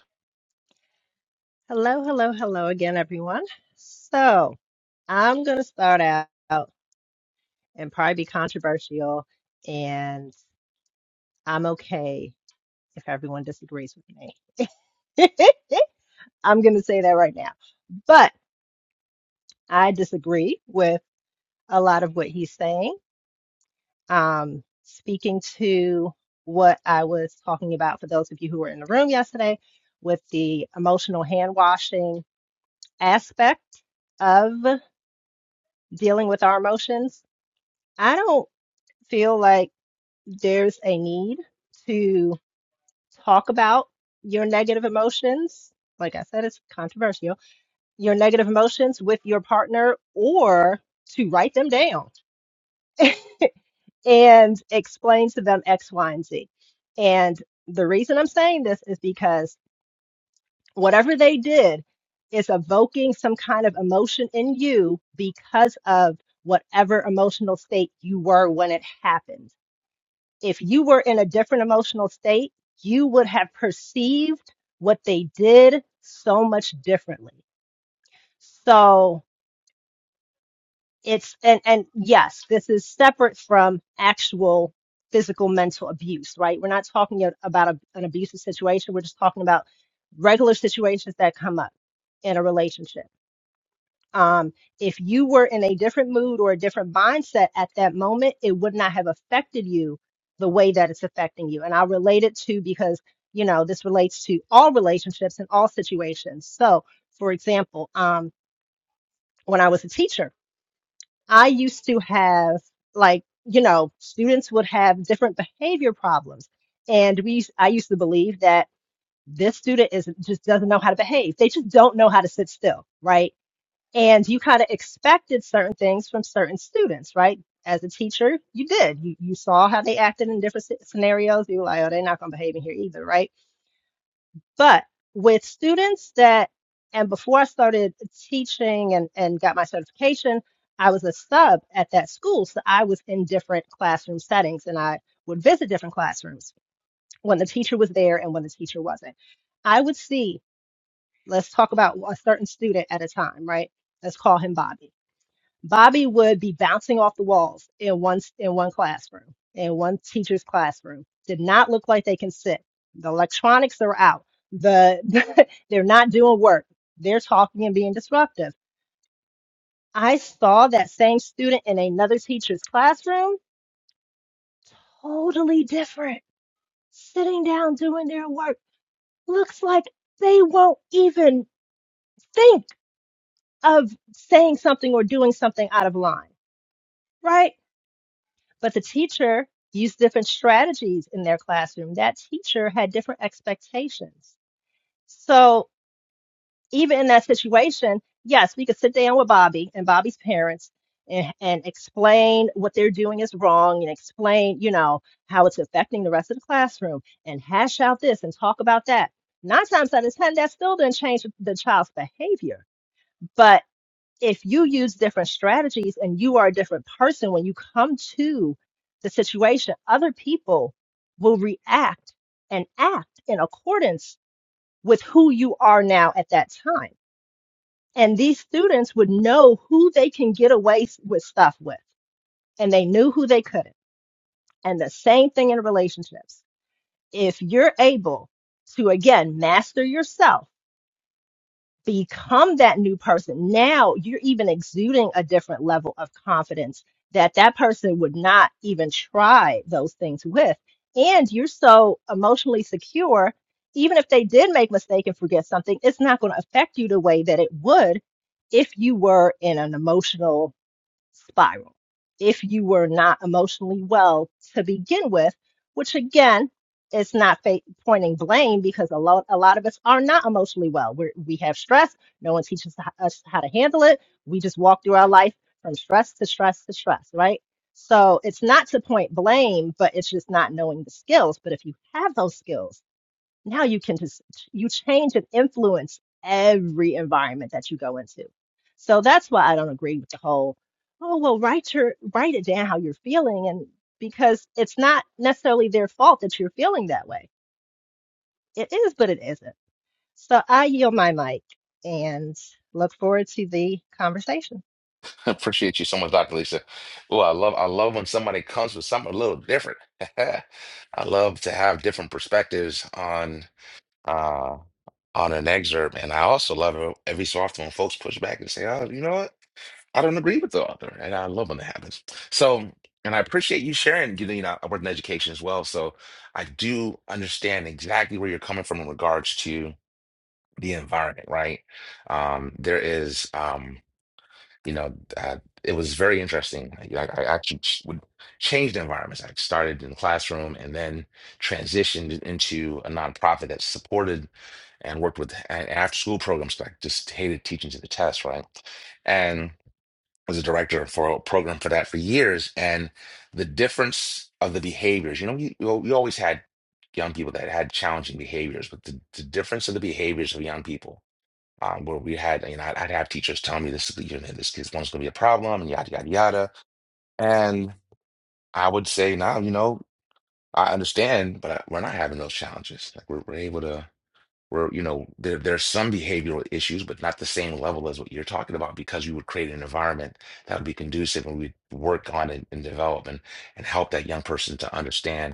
Speaker 5: Hello, hello, hello again, everyone. So I'm going to start out and probably be controversial, and I'm okay if everyone disagrees with me. [LAUGHS] I'm going to say that right now. But I disagree with a lot of what he's saying. Um, speaking to what I was talking about for those of you who were in the room yesterday with the emotional hand washing aspect of dealing with our emotions, I don't feel like there's a need to talk about your negative emotions. Like I said, it's controversial your negative emotions with your partner or to write them down and explain to them X, Y, and Z. And the reason I'm saying this is because whatever they did is evoking some kind of emotion in you because of whatever emotional state you were when it happened. If you were in a different emotional state, you would have perceived what they did so much differently. So it's and and yes this is separate from actual physical mental abuse right we're not talking yet about a, an abusive situation we're just talking about regular situations that come up in a relationship um, if you were in a different mood or a different mindset at that moment it would not have affected you the way that it's affecting you and i relate it to because you know this relates to all relationships and all situations so for example um, when i was a teacher I used to have like, you know, students would have different behavior problems. And we used- I used to believe that this student is just doesn't know how to behave. They just don't know how to sit still, right? And you kind of expected certain things from certain students, right? As a teacher, you did. You you saw how they acted in different sce- scenarios. You were like, oh, they're not going to behave in here either, right? But with students that, and before I started teaching and, and got my certification, I was a sub at that school. So I was in different classroom settings and I would visit different classrooms when the teacher was there and when the teacher wasn't. I would see, let's talk about a certain student at a time, right? Let's call him Bobby Bobby would be bouncing off the walls in one in one classroom, in one teacher's classroom. Did not look like they can sit. The electronics are out. The [LAUGHS] they're not doing work. They're talking and being disruptive. I saw that same student in another teacher's classroom, totally different, sitting down doing their work. Looks like they won't even think of saying something or doing something out of line, right? But the teacher used different strategies in their classroom. That teacher had different expectations. So even in that situation, yes, we could sit down with Bobby and Bobby's parents and, and explain what they're doing is wrong and explain, you know, how it's affecting the rest of the classroom and hash out this and talk about that. Nine times out of ten, that still didn't change the child's behavior. But if you use different strategies and you are a different person when you come to the situation, other people will react and act in accordance with who you are now at that time. And these students would know who they can get away with stuff with, and they knew who they couldn't. And the same thing in relationships. If you're able to, again, master yourself become that new person. Now you're even exuding a different level of confidence that that person would not even try those things with. And you're so emotionally secure, even if they did make a mistake and forget something, it's not going to affect you the way that it would if you were in an emotional spiral if you were not emotionally well to begin with, which again, it's not fa- pointing blame because a lot, a lot of us are not emotionally well. We're, we have stress. No one teaches h- us how to handle it. We just walk through our life from stress to stress to stress, right? So it's not to point blame, but it's just not knowing the skills. But if you have those skills, now you can just, you change and influence every environment that you go into. So that's why I don't agree with the whole, oh, well, write your, write it down how you're feeling. And because it's not necessarily their fault that you're feeling that way. It is, but it isn't. So I yield my mic and look forward to the conversation.
Speaker 1: [LAUGHS] Appreciate you so much, Dr. Lisa. Oh, I love I love when somebody comes with something a little different. [LAUGHS] I love to have different perspectives on uh on an excerpt. And I also love it every so often when folks push back and say, Oh, you know what? I don't agree with the author. And I love when that happens. So and I appreciate you sharing, you know, you know, I work in education as well. So I do understand exactly where you're coming from in regards to the environment, right? Um, there is um you know, uh, it was very interesting. You know, I, like, I actually ch- would change the environments. I started in the classroom and then transitioned into a nonprofit that supported and worked with an after-school programs. 'cause I just hated teaching to the test, right? And was a director for a program for that for years. And the difference of the behaviors, you know, you you you always had young people that had challenging behaviors, but the, the difference of the behaviors of young people um, where we had, you know, I'd, I'd have teachers tell me this, is the- you know, this kid's one's going to be a problem, and yada yada yada. And I would say, nah, you know, I understand, but I, we're not having those challenges. Like we're, we're able to, we're, you know, there there's some behavioral issues, but not the same level as what you're talking about because you would create an environment that would be conducive, and we'd work on it and develop and and help that young person to understand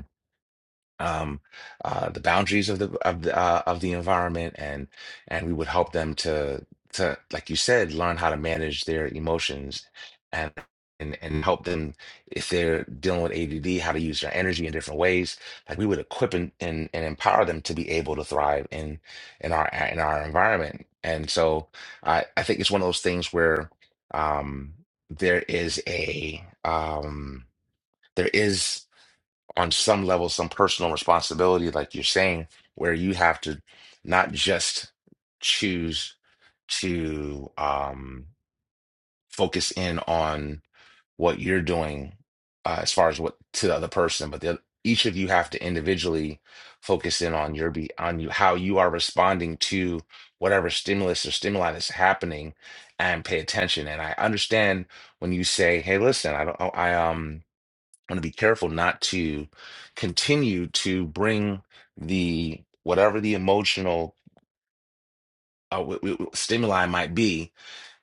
Speaker 1: um, uh, the boundaries of the of the uh, of the environment, and and we would help them to to like you said, learn how to manage their emotions and. And, and help them if they're dealing with ADD, how to use their energy in different ways. Like we would equip and, and, and empower them to be able to thrive in in our in our environment. And so I, I think it's one of those things where um, there is a um, there is on some level some personal responsibility, like you're saying, where you have to not just choose to um, focus in on what you're doing uh, as far as what to the other person, but the, oth- each of you have to individually focus in on your be on you how you are responding to whatever stimulus or stimuli that's happening and pay attention. And I understand when you say, "Hey, listen, I don't, I um." want to be careful not to continue to bring the whatever the emotional uh, w- w- w- stimuli might be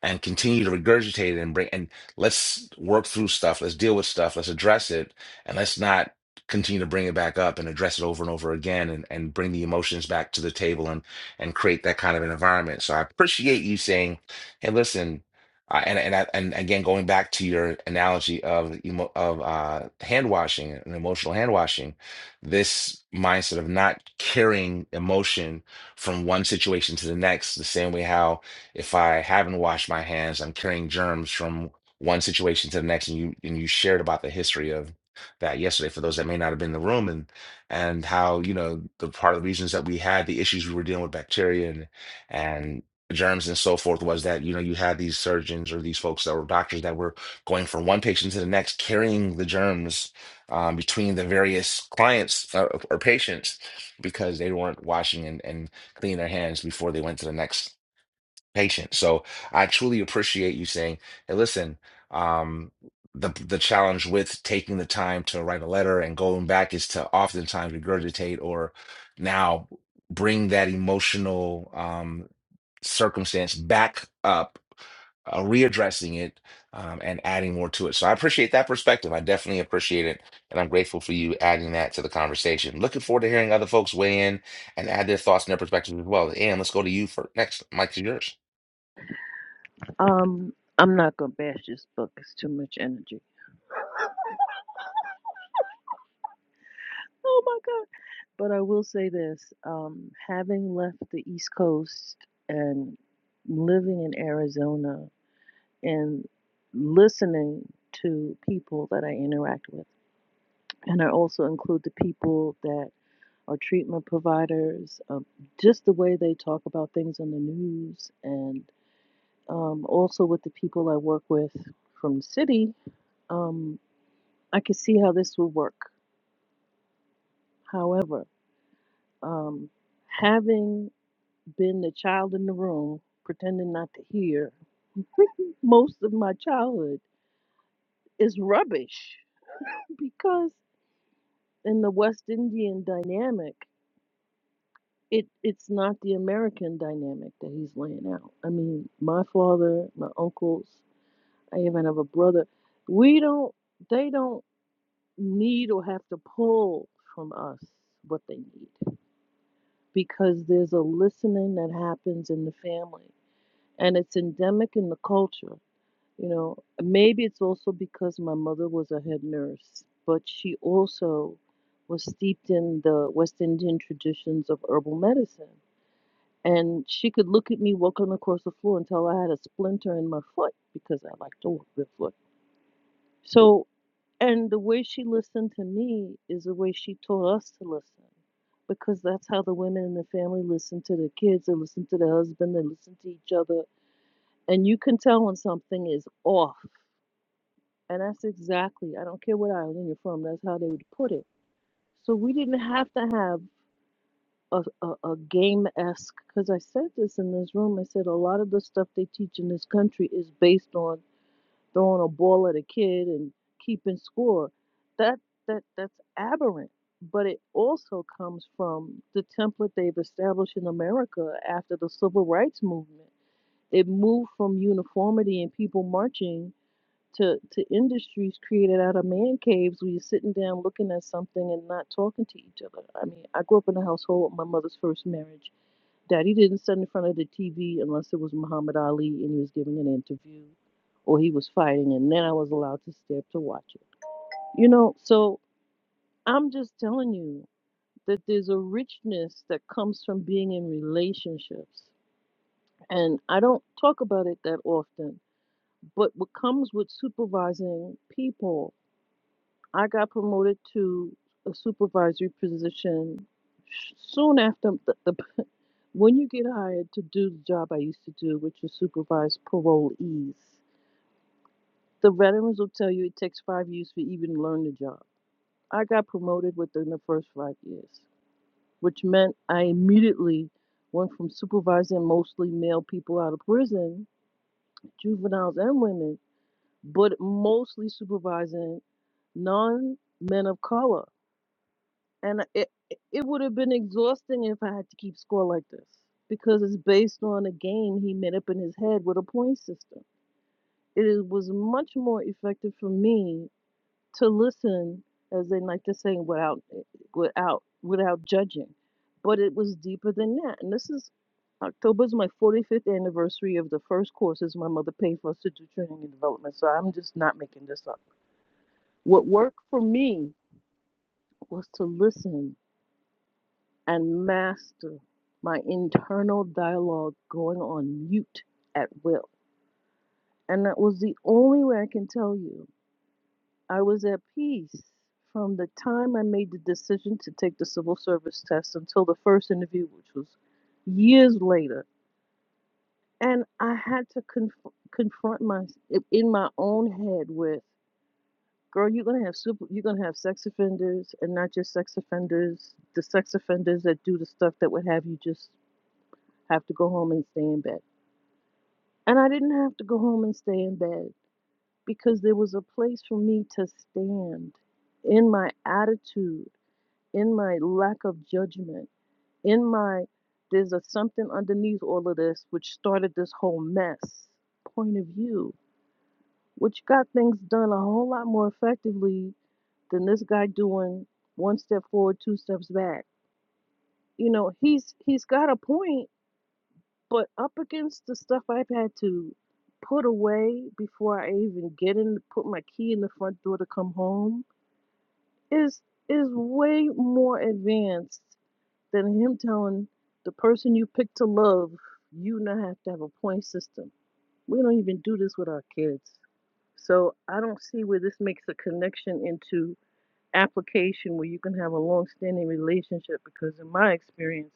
Speaker 1: and continue to regurgitate it and bring and let's work through stuff let's deal with stuff let's address it and let's not continue to bring it back up and address it over and over again and, and bring the emotions back to the table and and create that kind of an environment so i appreciate you saying hey listen uh, and and I, and again going back to your analogy of emo, of uh, hand washing and emotional hand washing this mindset of not carrying emotion from one situation to the next the same way how if I haven't washed my hands, I'm carrying germs from one situation to the next. And you and you shared about the history of that yesterday for those that may not have been in the room and and how, you know, the part of the reasons that we had the issues we were dealing with bacteria and and germs and so forth was that, you know, you had these surgeons or these folks that were doctors that were going from one patient to the next, carrying the germs um, between the various clients uh, or patients because they weren't washing and, and cleaning their hands before they went to the next patient. So I truly appreciate you saying, "Hey, listen, um, the the challenge with taking the time to write a letter and going back is to oftentimes regurgitate or now bring that emotional um, circumstance back up." Uh, readdressing it um, and adding more to it. So I appreciate that perspective. I definitely appreciate it. And I'm grateful for you adding that to the conversation. Looking forward to hearing other folks weigh in and add their thoughts and their perspectives as well. And let's go to you for next. Mike is yours.
Speaker 4: Um, I'm not gonna bash this book. It's too much energy. Oh my God. But I will say this: um, having left the East Coast and living in Arizona. and listening to people that I interact with. And I also include the people that are treatment providers, um, just the way they talk about things on the news, and um, also with the people I work with from the city. Um, I can see how this would work. However, um, having been the child in the room, pretending not to hear [LAUGHS] most of my childhood is rubbish because in the West Indian dynamic, it it's not the American dynamic that he's laying out. I mean, my father, my uncles, I even have a brother. We don't. They don't need or have to pull from us what they need because there's a listening that happens in the family and it's endemic in the culture You know, maybe it's also because my mother was a head nurse, but she also was steeped in the West Indian traditions of herbal medicine. And she could look at me walking across the floor and tell I had a splinter in my foot because I like to walk barefoot. So, and the way she listened to me is the way she taught us to listen because that's how the women in the family listen to their kids, they listen to their husband, they listen to each other. And you can tell when something is off And that's exactly, I don't care what island you're from, that's how they would put it. So we didn't have to have a, a, a game esque, because I said this in this room. I said a lot of the stuff they teach in this country is based on throwing a ball at a kid and keeping score. That that That's aberrant. But it also comes from the template they've established in America after the civil rights movement. It moved from uniformity and people marching to to industries created out of man caves where you're sitting down looking at something and not talking to each other. I mean, I grew up in a household my mother's first marriage. Daddy didn't sit in front of the TV unless it was Muhammad Ali and he was giving an interview or he was fighting and then I was allowed to stay up to watch it. You know, so I'm just telling you that there's a richness that comes from being in relationships. And I don't talk about it that often, but what comes with supervising people I got promoted to a supervisory position soon after the, the when you get hired to do the job I used to do, which is supervise parolees. The veterans will tell you it takes five years to even learn the job. I got promoted within the first five years, which meant I immediately went from supervising mostly male people out of prison, juveniles and women, but mostly supervising non men of color And it it would have been exhausting if I had to keep score like this because it's based on a game he made up in his head with a point system. It is- was much more effective for me to listen, as they like to say, without eh, without without judging. But it was deeper than that. And this is October is my 45th anniversary of the first courses my mother paid for us to do training and development. So I'm just not making this up. What worked for me was to listen and master my internal dialogue going on mute at will. And that was the only way I can tell you. I was at peace from the time I made the decision to take the civil service test until the first interview, which was years later. And I had to conf- confront my in my own head with, girl, you're gonna have super, you're gonna have sex offenders, and not just sex offenders, the sex offenders that do the stuff that would have you just have to go home and stay in bed. And I didn't have to go home and stay in bed because there was a place for me to stand in my attitude, in my lack of judgment, in my there's a something underneath all of this which started this whole mess point of view, which got things done a whole lot more effectively than this guy doing one step forward, two steps back. You know, he's he's got a point But up against the stuff I've had to put away before I even get in, put my key in the front door to come home, is is way more advanced than him telling the person you pick to love, you now have to have a point system. We don't even do this with our kids. So I don't see where this makes a connection into application where you can have a long standing relationship because in my experience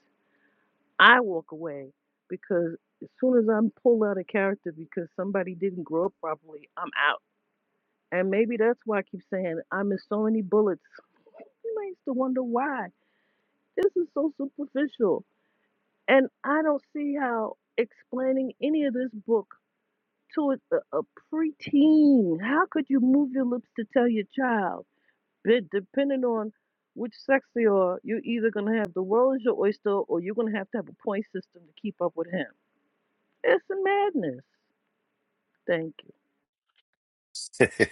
Speaker 4: I walk away because as soon as I'm pulled out of character because somebody didn't grow up properly, I'm out. And maybe that's why I keep saying I miss so many bullets. You may used to wonder why. This is so superficial. And I don't see how explaining any of this book to a, a preteen, how could you move your lips to tell your child? But depending on which sex they are, you're either going to have the world is your oyster or you're going to have to have a point system to keep up with him It's madness. Thank you.
Speaker 1: [LAUGHS] oh,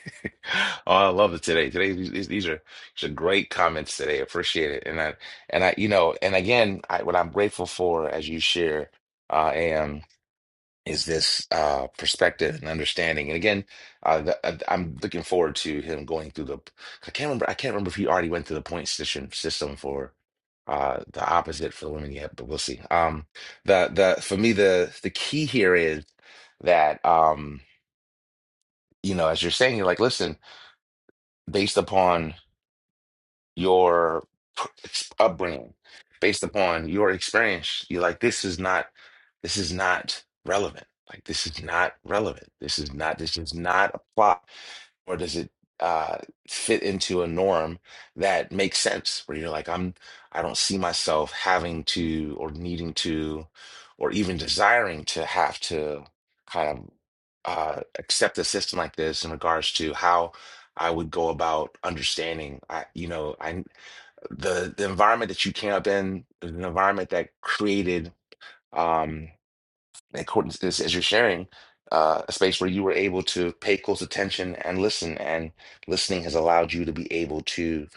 Speaker 1: I love it today. Today, these, these are these are great comments today. I Appreciate it. And I and I, you know, and again, I, what I'm grateful for as you share, uh, am is this uh perspective and understanding. And again, uh, the, uh, I'm looking forward to him going through the. I can't remember. I can't remember if he already went through the point system system for uh the opposite for the women yet, but we'll see. Um, the the for me the the key here is that um you know as you're saying you're like listen based upon your ex- upbringing, based upon your experience, you're like, this is not, this is not relevant. Like, this is not relevant. This is not, this does not apply, or does it uh, fit into a norm that makes sense? Where you're like, I'm, I don't see myself having to, or needing to, or even desiring to have to kind of uh, accept a system like this in regards to how I would go about understanding. I, you know, I the the environment that you came up in, is an environment that created. Um, according to this, as you're sharing, uh, a space where you were able to pay close attention and listen, and listening has allowed you to be able to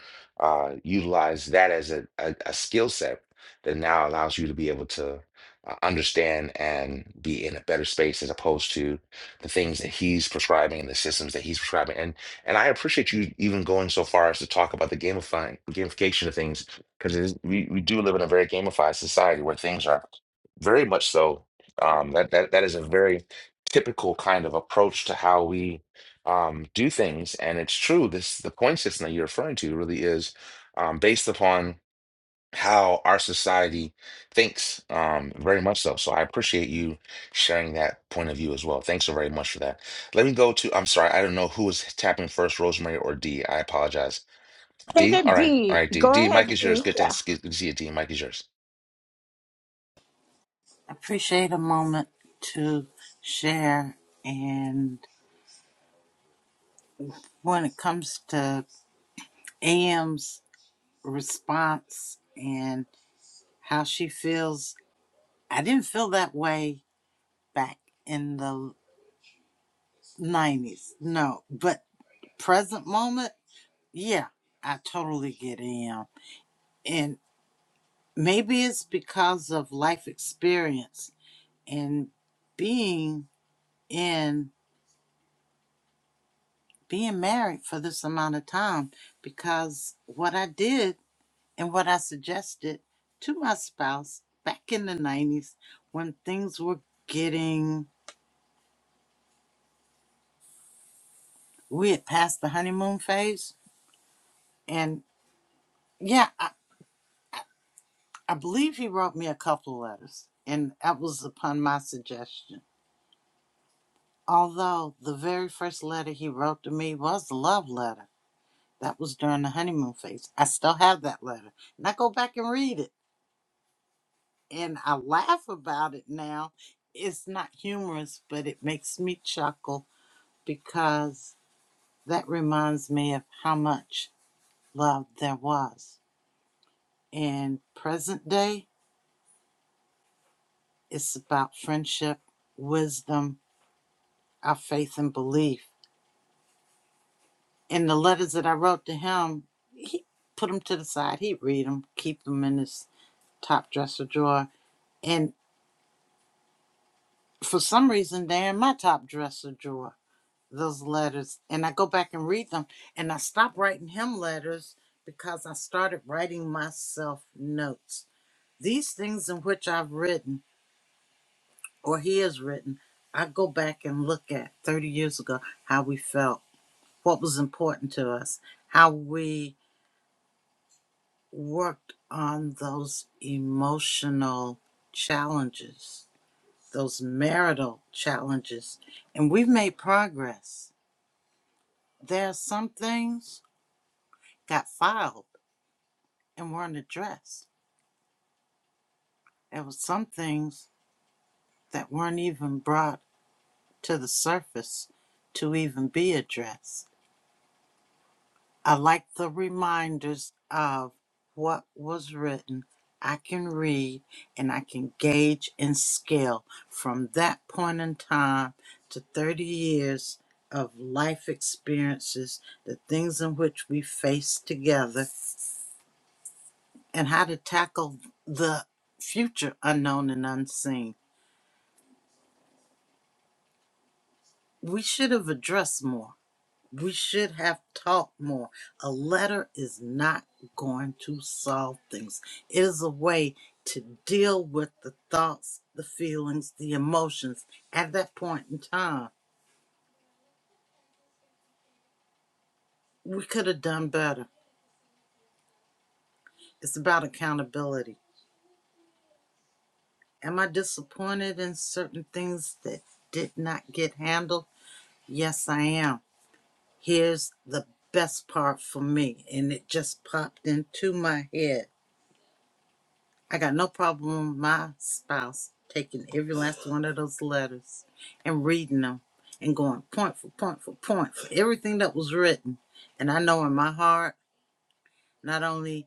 Speaker 1: uh, utilize that as a, a, a skill set that now allows you to be able to uh, understand and be in a better space as opposed to the things that he's prescribing and the systems that he's prescribing. And and I appreciate you even going so far as to talk about the gamifying gamification of things because we we do live in a very gamified society where things are very much so um, that that that is a very typical kind of approach to how we um, do things, and it's true. This the point system that you're referring to really is um, based upon how our society thinks, um, very much so. So I appreciate you sharing that point of view as well. Thanks so very much for that. Let me go to. I'm sorry, I don't know who was tapping first, Rosemary or D. I apologize.
Speaker 7: I think
Speaker 1: D.
Speaker 7: uh,
Speaker 1: All right, all
Speaker 7: Dee,
Speaker 1: right. D.
Speaker 7: go
Speaker 1: D. Mike
Speaker 7: ahead,
Speaker 1: is yours.
Speaker 7: Dee.
Speaker 1: Good to,
Speaker 7: Yeah.
Speaker 1: good to see you, D. Mike is yours.
Speaker 8: appreciate a moment to share. And when it comes to AM's response and how she feels, I didn't feel that way back in the 90s. No, but present moment, yeah, I totally get AM. And maybe it's because of life experience and being in being married for this amount of time because what I did and what I suggested to my spouse back in the 90s when things were getting, we had passed the honeymoon phase. And yeah, I, I believe he wrote me a couple letters, and that was upon my suggestion. Although the very first letter he wrote to me was a love letter. That was during the honeymoon phase. I still have that letter. And I go back and read it and I laugh about it now. It's not humorous, but it makes me chuckle because that reminds me of how much love there was. In present day, it's about friendship, wisdom, our faith and belief. And the letters that I wrote to him, he put them to the side. He'd read them, keep them in his top dresser drawer. And for some reason, they're in my top dresser drawer those letters and I go back and read them and I stopped writing him letters because I started writing myself notes. These things in which I've written or he has written, I go back and look at 30 years ago how we felt, what was important to us, how we worked on those emotional challenges, those marital challenges, and we've made progress. There are some things got filed and weren't addressed. There were some things that weren't even brought to the surface to even be addressed. I like the reminders of what was written. I can read and I can gauge and scale from that point in time to 30 years of life experiences, the things in which we face together, and how to tackle the future unknown and unseen we should have addressed more. We should have talked more. A letter is not going to solve things. It is a way to deal with the thoughts, the feelings, the emotions at that point in time. We could have done better. It's about accountability. Am I disappointed in certain things that did not get handled? Yes, I am. Here's the best part for me, and it just popped into my head I got no problem with my spouse taking every last one of those letters and reading them and going point for point for point for everything that was written. And I know in my heart, not only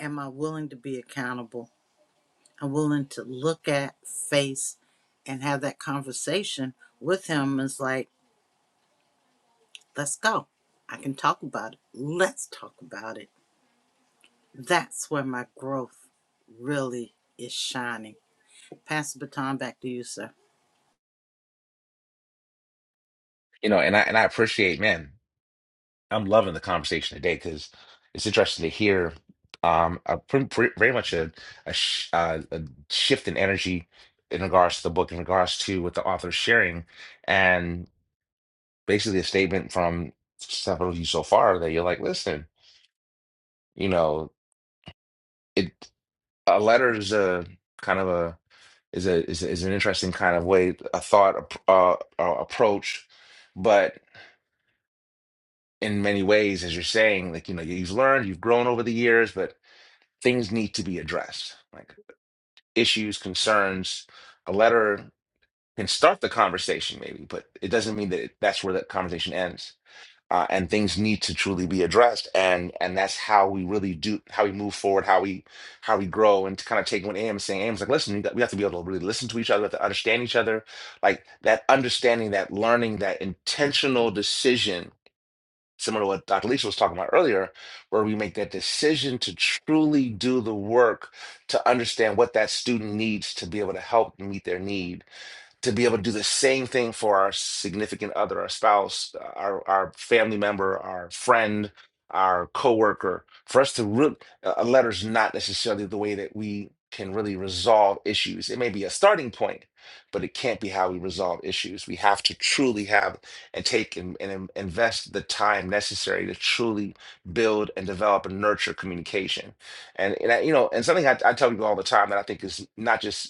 Speaker 8: am I willing to be accountable, I'm willing to look at, face, and have that conversation with him. It's like, let's go. I can talk about it. Let's talk about it. That's where my growth really is shining. Pass the baton back to you, sir.
Speaker 1: You know, and I and I appreciate, man. I'm loving the conversation today because it's interesting to hear um, a pre pre- very much a, a, sh uh, a shift in energy in regards to the book, in regards to what the author's sharing, and basically a statement from several of you so far that you're like, listen, you know, it a letter is a kind of a is a is, a, is an interesting kind of way a thought uh, uh, approach, but in many ways, as you're saying, like you know, you've learned, you've grown over the years, but things need to be addressed, like issues, concerns. A letter can start the conversation, maybe, but it doesn't mean that it, that's where that conversation ends. Uh, and things need to truly be addressed, and and that's how we really do how we move forward, how we how we grow, and to kind of take what Am saying. Am's like, listen, we we have to be able to really listen to each other, we have to understand each other, like that understanding, that learning, that intentional decision similar to what Dr. Lisa was talking about earlier, where we make that decision to truly do the work to understand what that student needs to be able to help meet their need to be able to do the same thing for our significant other, our spouse, our our family member, our friend, our coworker. For us to really, a a letter's not necessarily the way that we can really resolve issues. It may be a starting point, but it can't be how we resolve issues. We have to truly have and take and, and in- invest the time necessary to truly build and develop and nurture communication. And, and I, you know, and something I, I tell people all the time that I think is not just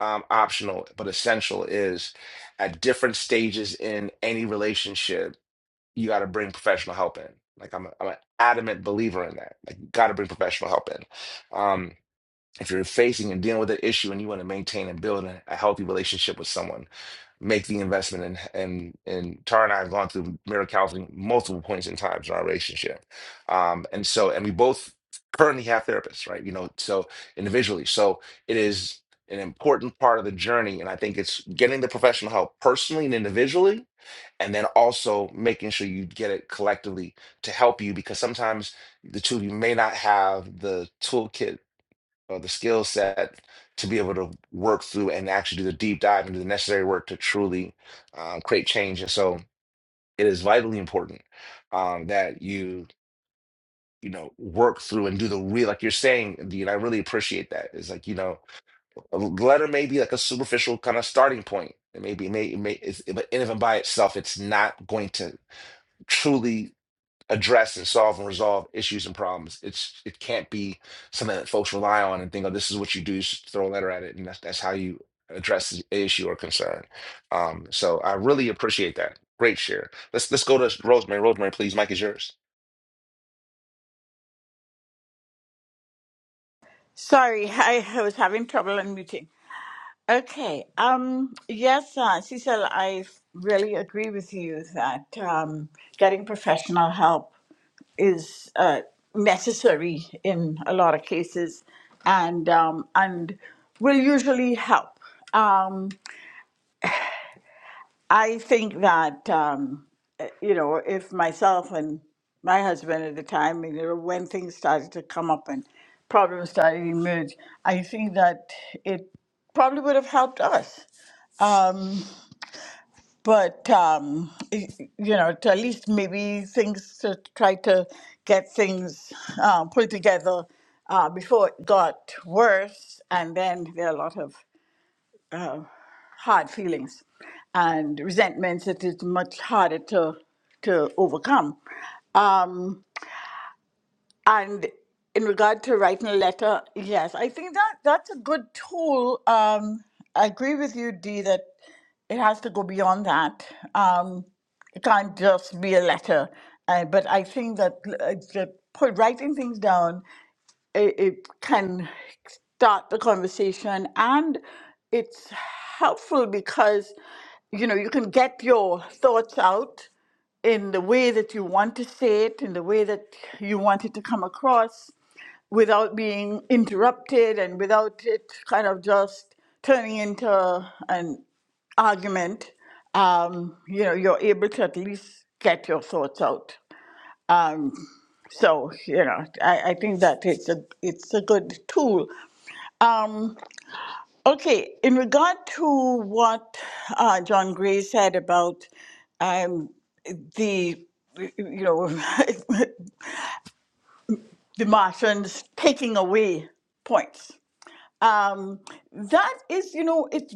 Speaker 1: um, optional but essential is at different stages in any relationship you got to bring professional help in like i'm, a, I'm an adamant believer in that like you got to bring professional help in um, if you're facing and dealing with an issue and you want to maintain and build a, a healthy relationship with someone make the investment and and and Tara and I have gone through marital counseling multiple points in times in our relationship. Um and so and we both currently have therapists, right? You know, so individually. So it is an important part of the journey. And I think it's getting the professional help personally and individually, and then also making sure you get it collectively to help you because sometimes the two of you may not have the toolkit or the skill set to be able to work through and actually do the deep dive and do the necessary work to truly um, create change. And so it is vitally important um, that you you know work through and do the real like you're saying Dean, I really appreciate that it's like you know a letter may be like a superficial kind of starting point it may be it may, it may it's, but in and by itself it's not going to truly address and solve and resolve issues and problems. It's it can't be something that folks rely on and think, oh, this is what you do. Just throw a letter at it, and that's that's how you address the issue or concern. Um, so I really appreciate that. Great share. Let's let's go to Rosemary. Rosemary, please. Mike is yours.
Speaker 7: Sorry, [LAUGHS] I, I was having trouble unmuting. Okay. Um, yes, uh, Cecil, I really agree with you that um, getting professional help is uh, necessary in a lot of cases, and um, and will usually help. Um, I think that um, eh, you know if myself and my husband at the time, you know, when things started to come up and problems started to emerge, I think that it probably would have helped us Um, but um, y- you know, to at least maybe things to try to get things uh, put together uh, before it got worse, and then there are a lot of uh, hard feelings and resentments that is much harder to to overcome. Um, and in regard to writing a letter, yes, I think that that's a good tool. Um, I agree with you, Dee, that it has to go beyond that. Um, it can't just be a letter. Uh, but I think that, uh, that put writing things down it, it can start the conversation and it's helpful because you know you can get your thoughts out in the way that you want to say it in the way that you want it to come across without being interrupted and without it kind of just turning into an argument um, you know you're able to at least get your thoughts out Um, so you know I, I think that it's a it's a good tool um, okay in regard to what uh, john gray said about um, the you know [LAUGHS] the martians taking away points um, that is you know it's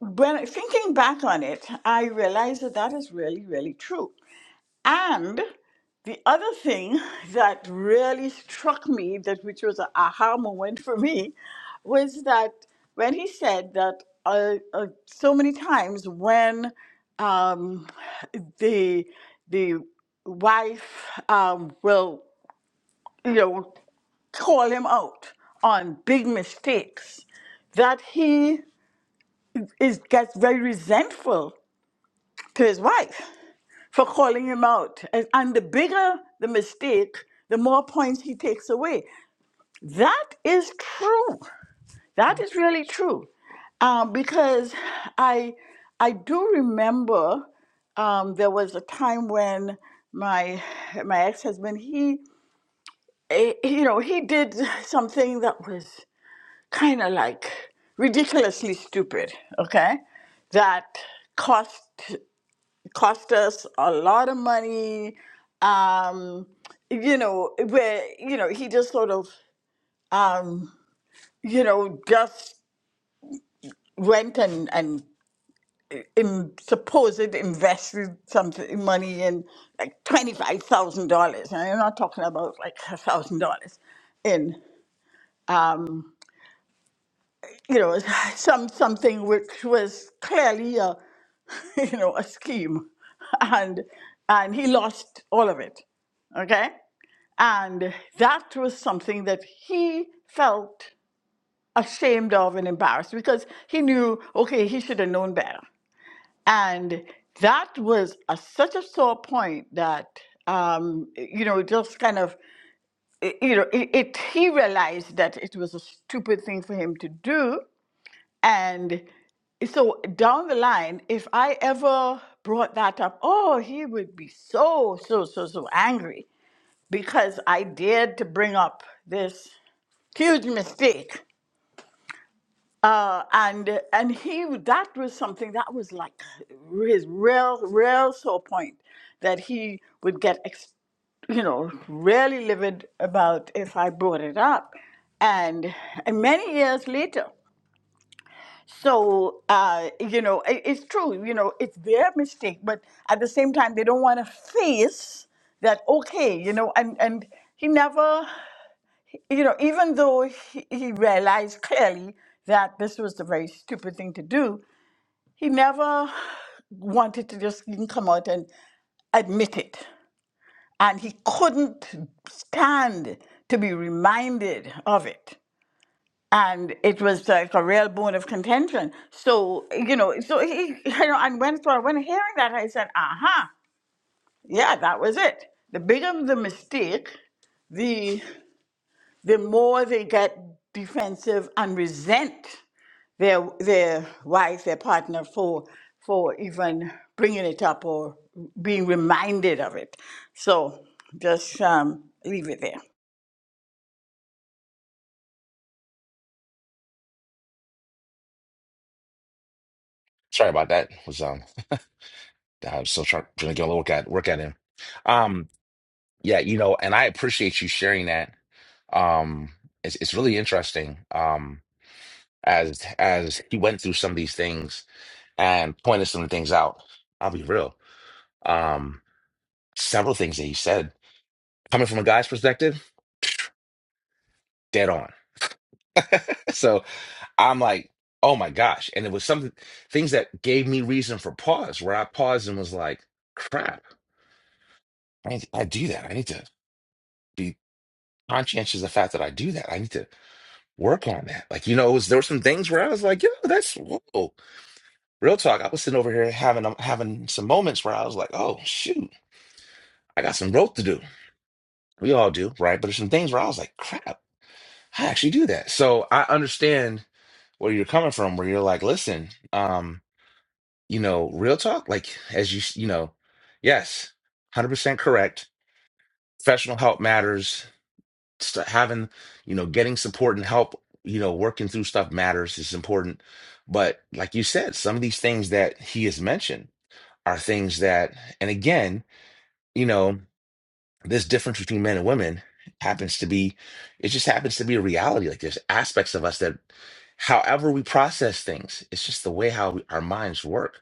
Speaker 7: when I- thinking back on it i realize that that is really really true And the other thing [LAUGHS] that really struck me, that which was an aha moment for me, was that when he said that uh, uh, so many times when um, the the wife um, will you know call him out on big mistakes, that he is gets very resentful to his wife for calling him out. And, and the bigger the mistake, the more points he takes away. That is true. That is really true. Um, because I, I do remember um, there was a time when my my ex husband he eh, you know he did something that was kind of like ridiculously stupid. Okay, that cost cost us a lot of money. Um, you know, where you know he just sort of um, you know just went and and in, supposed invested something money in like twenty five thousand dollars, and I'm not talking about like a thousand dollars in you know [SIGHS] some something which was clearly a [LAUGHS] you know a scheme, and and he lost all of it. Okay. And that was something that he felt ashamed of and embarrassed because he knew, okay, he should have known better. And that was a, such a sore point that, um, you know, just kind of, you know, it, it, he realized that it was a stupid thing for him to do. And so down the line, if I ever brought that up, oh, he would be so, so, so, so angry because I dared to bring up this huge mistake. Uh, and and he that was something that was like his real real sore point that he would get ex, you know really livid about if I brought it up, and, and many years later. So uh, you know it, it's true. You know it's their mistake, but at the same time they don't want to face that okay you know and and he never you know, even though he, he realized clearly that this was the very stupid thing to do, he never wanted to just even come out and admit it. And he couldn't stand to be reminded of it. And it was like a real bone of contention. So, you know, so he, [LAUGHS] you know, and when, so when hearing that, I said, aha, yeah, that was it. The bigger the mistake, the." the more they get defensive and resent their their wife, their partner for for even bringing it up or being reminded of it. So just um, leave it there.
Speaker 1: Sorry about that. Was um I was still trying, trying to get a look at work at him. Um, yeah, you know, and I appreciate you sharing that. Um, it's it's really interesting. Um, as as he went through some of these things and pointed some things out. I'll be real. Um, several things that he said, coming from a guy's perspective, dead on. [LAUGHS] So I'm like, oh my gosh. And it was some things that gave me reason for pause, where I paused and was like, crap, I, need I do that. I need to be conscientious of the fact that I do that. I need to work on that. Like, you know, it was, there were some things where I was like, yo, that's whoa. Real talk. I was sitting over here having um, having some moments where I was like, oh shoot, I got some growth to do. We all do, right? But there's some things where I was like, crap. I actually do that. So I understand where you're coming from, where you're like, listen, um, you know, real talk, like as you, s- you know, yes, 100% correct. Professional help matters. St- having, you know, getting support and help, you know, working through stuff matters is important. But like you said, some of these things that he has mentioned are things that, and again, you know. this difference between men and women happens to be it just happens to be a reality like there's aspects of us that however we process things it's just the way how we, our minds work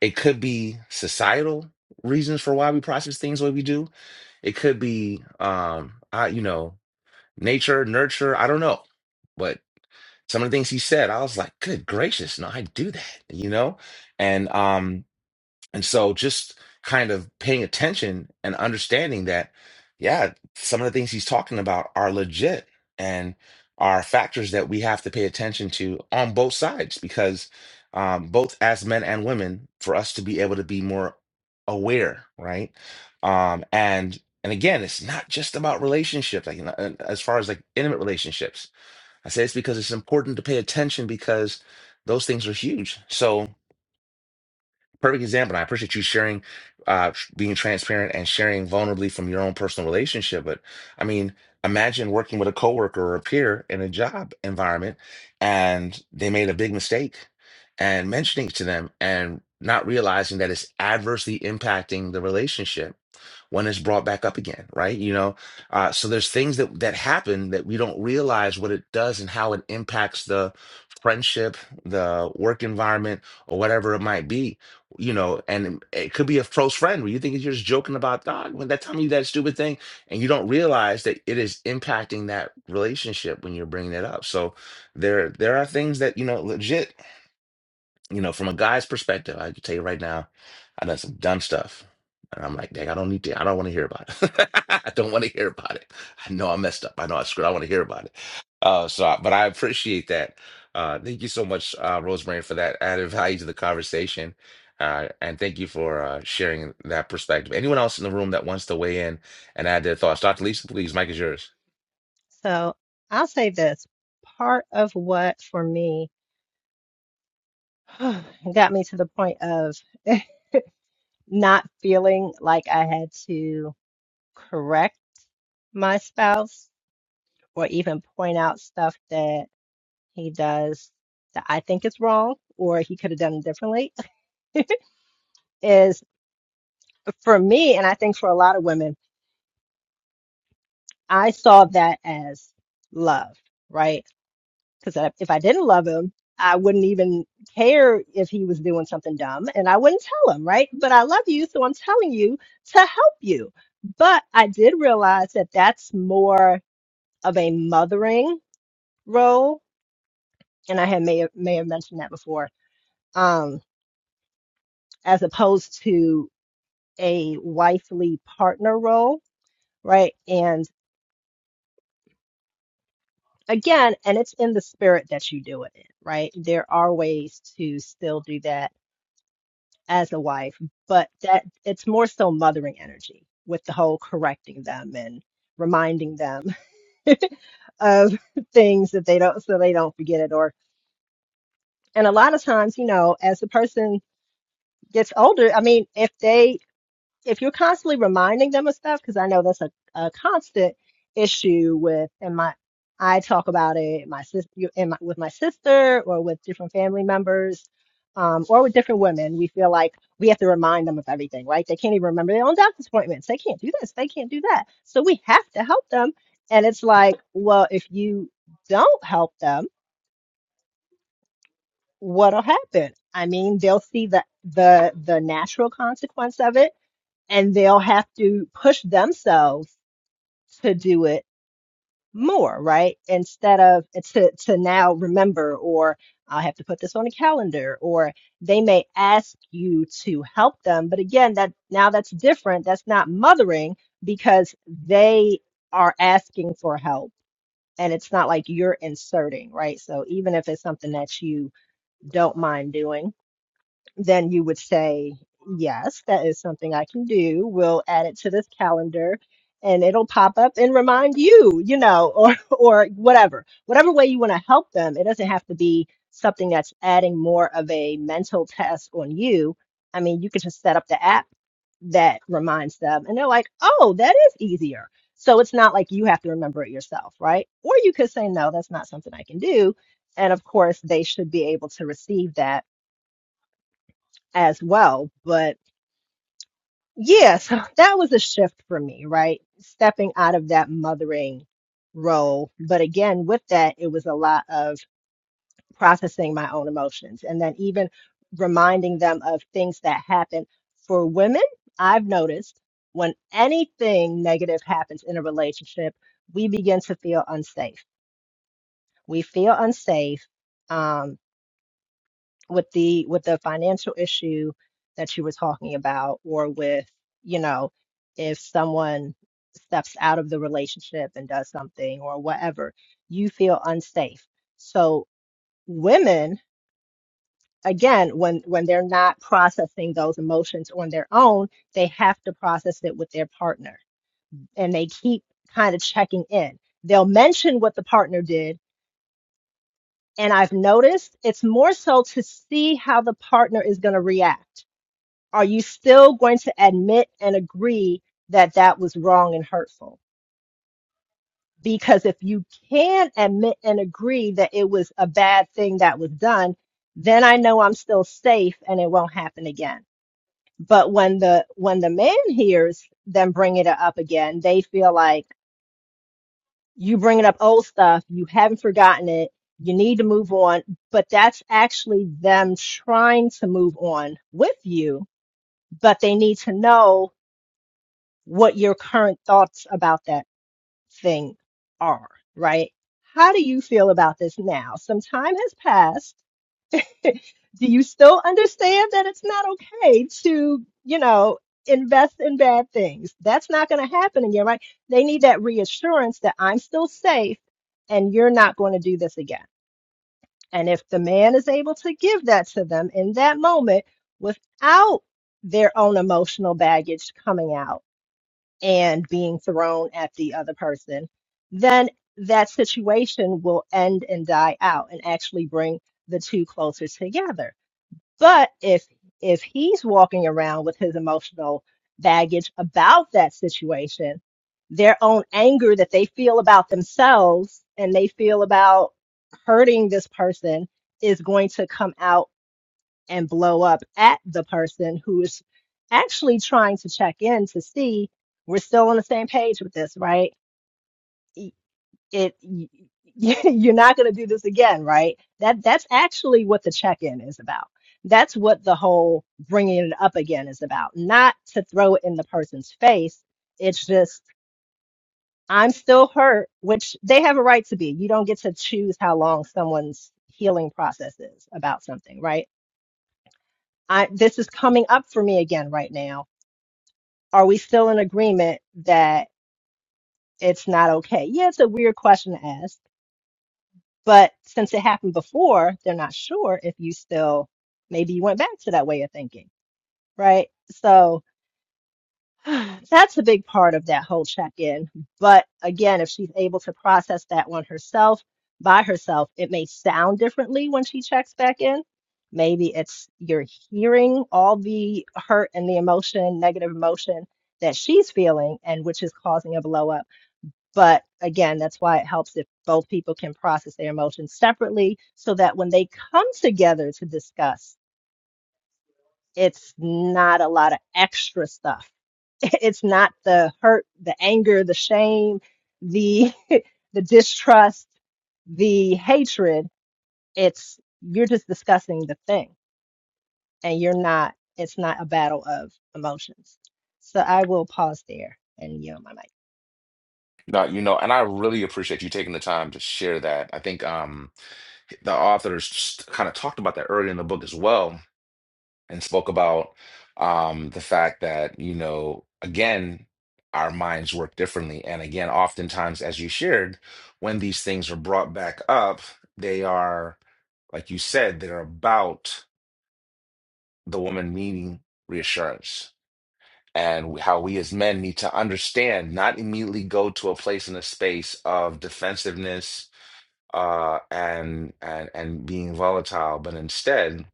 Speaker 1: it could be societal reasons for why we process things the way we do it could be um i you know nature nurture i don't know but some of the things he said i was like good gracious no i do that you know and um, and so just kind of paying attention and understanding that, yeah, some of the things he's talking about are legit and are factors that we have to pay attention to on both sides because um, both as men and women, for us to be able to be more aware, right? Um, and and again, it's not just about relationships, like you know, and as far as like intimate relationships. I say it's because it's important to pay attention because those things are huge. So perfect example. And I appreciate you sharing, uh, tr- being transparent and sharing vulnerably from your own personal relationship. But I mean, imagine working with a coworker or a peer in a job environment and they made a big mistake and mentioning it to them and not realizing that it's adversely impacting the relationship one is brought back up again, right? You know, uh, so there's things that that happen that we don't realize what it does and how it impacts the friendship, the work environment, or whatever it might be. You know, and it could be a close friend where you think you're just joking about dog when that time you did that stupid thing, and you don't realize that it is impacting that relationship when you're bringing it up. So there, there are things that you know, legit. You know, from a guy's perspective, I can tell you right now, I've done some dumb stuff. And I'm like, dang, I don't need to, I don't want to hear about it. [LAUGHS] I don't want to hear about it. I know I messed up. I know I screwed. I want to hear about it. Uh, so, I- but I appreciate that. Uh, thank you so much, uh, Rosemary, for that added value to the conversation. Uh, and thank you for uh, sharing that perspective. Anyone else in the room that wants to weigh in and add their thoughts? Dr. Lisa, please, Mike is yours.
Speaker 5: So I'll say this part of what for me [SIGHS] got me to the point of [LAUGHS] not feeling like I had to. correct my spouse or even point out stuff that he does that I think is wrong or he could have done it differently is for me, and I think for a lot of women, I saw that as love, right? Because if I didn't love him, I wouldn't even care if he was doing something dumb and I wouldn't tell him, right? But I love you, so I'm telling you to help you. But I did realize that that's more of a mothering role and I had may have, may have mentioned that before, um, as opposed to a wifely partner role, right? And again, and it's in the spirit that you do it in, right? There are ways to still do that as a wife, but that it's more so mothering energy with the whole correcting them and reminding them [LAUGHS] of things that they don't, so they don't forget it. Or, and a lot of times, you know, as the person gets older, I mean, if they if you're constantly reminding them of stuff, because I know that's a, a constant issue with, and my, I talk about it, my sister, and my, with my sister or with different family members, um, or with different women, we feel like we have to remind them of everything, right? They can't even remember their own doctor's appointments. They can't do this. They can't do that. So we have to help them. And it's like, well, if you don't help them, what'll happen? I mean, they'll see the, the, the natural consequence of it and they'll have to push themselves to do it more, right? Instead of to to now remember or I'll have to put this on a calendar or they may ask you to help them. But again, that now that's different. That's not mothering because they are asking for help and it's not like you're inserting, right? So even if it's something that you don't mind doing, then you would say, Yes, that is something I can do. We'll add it to this calendar and it'll pop up and remind you, you know, or [LAUGHS] or whatever. Whatever way you want to help them, it doesn't have to be something that's adding more of a mental test on you. I mean, you could just set up the app that reminds them and they're like, "Oh, that is easier." So it's not like you have to remember it yourself, right? Or you could say, "No, that's not something I can do." And of course, they should be able to receive that as well. But yeah, so [LAUGHS] that was a shift for me, right? Stepping out of that mothering role. But again, with that, it was a lot of processing my own emotions and then even reminding them of things that happen for women. I've noticed when anything negative happens in a relationship, we begin to feel unsafe. We feel unsafe. Um, with the with the financial issue that you were talking about or with you know if someone steps out of the relationship and does something or whatever you feel unsafe so women again when when they're not processing those emotions on their own they have to process it with their partner and they keep kind of checking in they'll mention what the partner did and i've noticed it's more so to see how the partner is going to react are you still going to admit and agree that that was wrong and hurtful? Because if you can admit and agree that it was a bad thing that was done, then I know I'm still safe and it won't happen again. But when the when the man hears them bringing it up again, they feel like you bringing up old stuff, you haven't forgotten it, you need to move on. But that's actually them trying to move on with you, but they need to know what your current thoughts about that thing are, right? How do you feel about this now? Some time has passed. [LAUGHS] Do you still understand that it's not okay to, you know, invest in bad things? That's not going to happen again, right? They need that reassurance that I'm still safe and you're not going to do this again. And if the man is able to give that to them in that moment without their own emotional baggage coming out, and being thrown at the other person, then that situation will end and die out and actually bring the two closer together. But if if he's walking around with his emotional baggage about that situation, their own anger that they feel about themselves and they feel about hurting this person is going to come out and blow up at the person who is actually trying to check in to see we're still on the same page with this, right? Y- It, y- [LAUGHS] you're not going to do this again, right? That that's actually what the check-in is about. That's what the whole bringing it up again is about. Not to throw it in the person's face. It's just I'm still hurt, which they have a right to be. You don't get to choose how long someone's healing process is about something, right? I, this is coming up for me again right now. Are we still in agreement that it's not okay? Yeah, it's a weird question to ask, but since it happened before, they're not sure if you still, maybe you went back to that way of thinking, right? So [SIGHS] That's a big part of that whole check in. But again, if she's able to process that one herself, by herself, it may sound differently when she checks back in. Maybe it's you're hearing all the hurt and the emotion, negative emotion that she's feeling, and which is causing a blow up. But again, that's why it helps if both people can process their emotions separately so that when they come together to discuss, it's not a lot of extra stuff. [LAUGHS] It's not the hurt, the anger, the shame, the [LAUGHS] the distrust, the hatred. It's you're just discussing the thing and you're not it's not a battle of emotions. So I will pause there and yield my mic.
Speaker 1: No, you know, and I really appreciate you taking the time to share that. I think um, the authors kind of talked about that earlier in the book as well, and spoke about um, the fact that, you know, again, our minds work differently. And again, oftentimes, as you shared, when these things are brought back up, they are, like you said, they're about the woman needing reassurance. And how we as men need to understand, not immediately go to a place in a space of defensiveness uh, and and and being volatile, but instead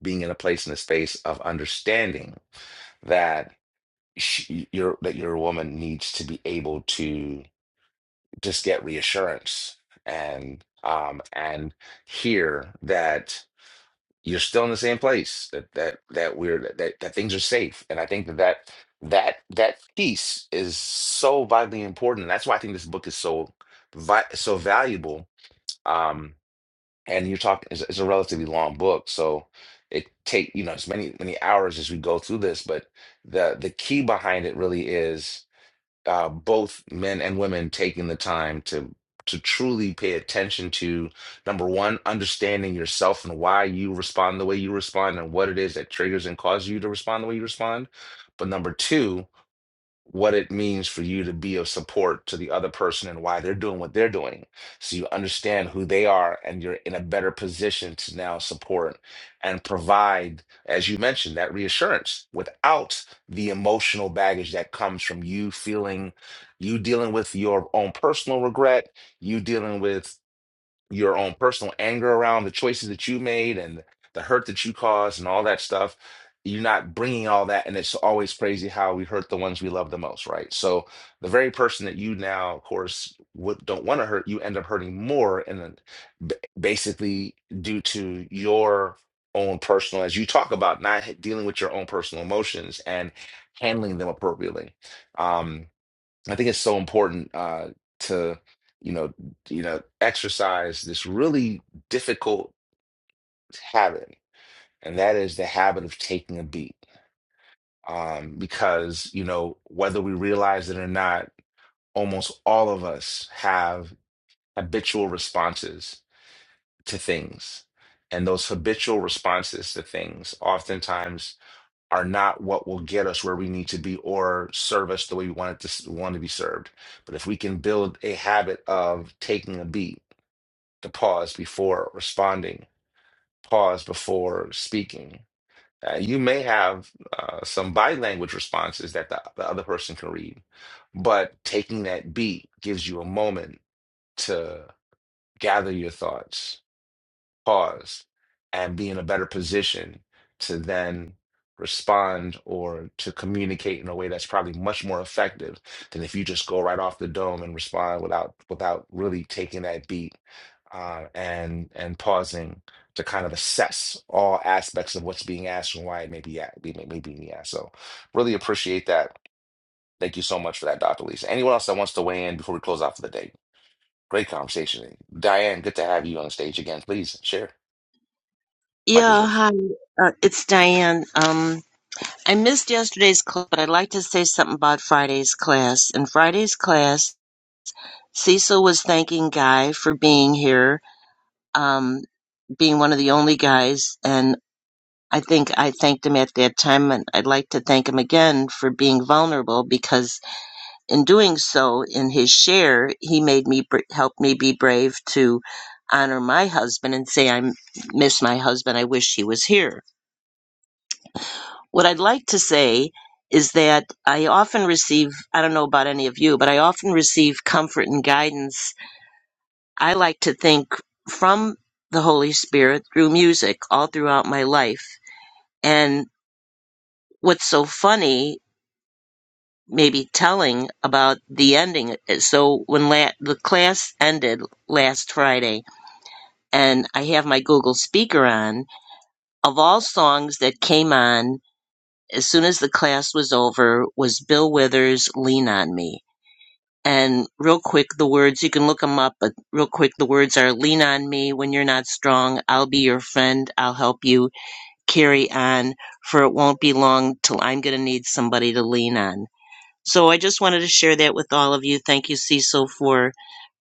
Speaker 1: being in a place in a space of understanding that she, your that your woman needs to be able to just get reassurance and um and hear that you're still in the same place that that that we're that that, that things are safe and i think that that that that piece is so vitally important and that's why i think this book is so vi- so valuable Um. and you're talking it's, it's a relatively long book so it take you know as many many hours as we go through this but the the key behind it really is uh, both men and women taking the time to to truly pay attention to number one understanding yourself and why you respond the way you respond and what it is that triggers and causes you to respond the way you respond but number two what it means for you to be of support to the other person and why they're doing what they're doing. So you understand who they are and you're in a better position to now support and provide, as you mentioned, that reassurance without the emotional baggage that comes from you feeling you dealing with your own personal regret, you dealing with your own personal anger around the choices that you made and the hurt that you caused and all that stuff. You're not bringing all that, and it's always crazy how we hurt the ones we love the most, right? So the very person that you now, of course, would, don't want to hurt, you end up hurting more, and then b- basically due to your own personal, as you talk about, not h- dealing with your own personal emotions and handling them appropriately. Um, I think it's so important uh, to you know you know exercise this really difficult habit, and that is the habit of taking a beat. Um, because you know whether we realize it or not, almost all of us have habitual responses to things, and those habitual responses to things oftentimes are not what will get us where we need to be or serve us the way we want it to s- want to be served. But if we can build a habit of taking a beat, to pause before responding, pause before speaking. Uh, you may have uh, some body language responses that the, the other person can read, but taking that beat gives you a moment to gather your thoughts pause and be in a better position to then respond or to communicate in a way that's probably much more effective than if you just go right off the dome and respond without without really taking that beat uh, and and pausing to kind of assess all aspects of what's being asked and why it may be a- may, may be being asked. So really appreciate that. Thank you so much for that, Dr. Lisa. Anyone else that wants to weigh in before we close out for the day? Great conversation. Diane, good to have you on the stage again. Please share. Mike is
Speaker 9: Yeah,
Speaker 1: yours.
Speaker 9: hi. Uh, it's Diane. Um, I missed yesterday's class, but I'd like to say something about Friday's class. In Friday's class, Cecil was thanking Guy for being here, um, being one of the only guys, and I think I thanked him at that time, and I'd like to thank him again for being vulnerable because in doing so, in his share, he made me br- help me be brave to honor my husband and say I m- miss my husband. I wish he was here What I'd like to say is that I often receive, I don't know about any of you, but I often receive comfort and guidance. I like to think from the Holy Spirit through music all throughout my life. And what's so funny, maybe telling about the ending. eh, So when la- the class ended last Friday and I have my Google speaker on, of all songs that came on as soon as the class was over was Bill Withers' Lean on Me And real quick, the words, you can look them up, but real quick, the words are lean on me when you're not strong. I'll be your friend. I'll help you carry on, for it won't be long till I'm going to need somebody to lean on. So I just wanted to share that with all of you. Thank you, Cecil, for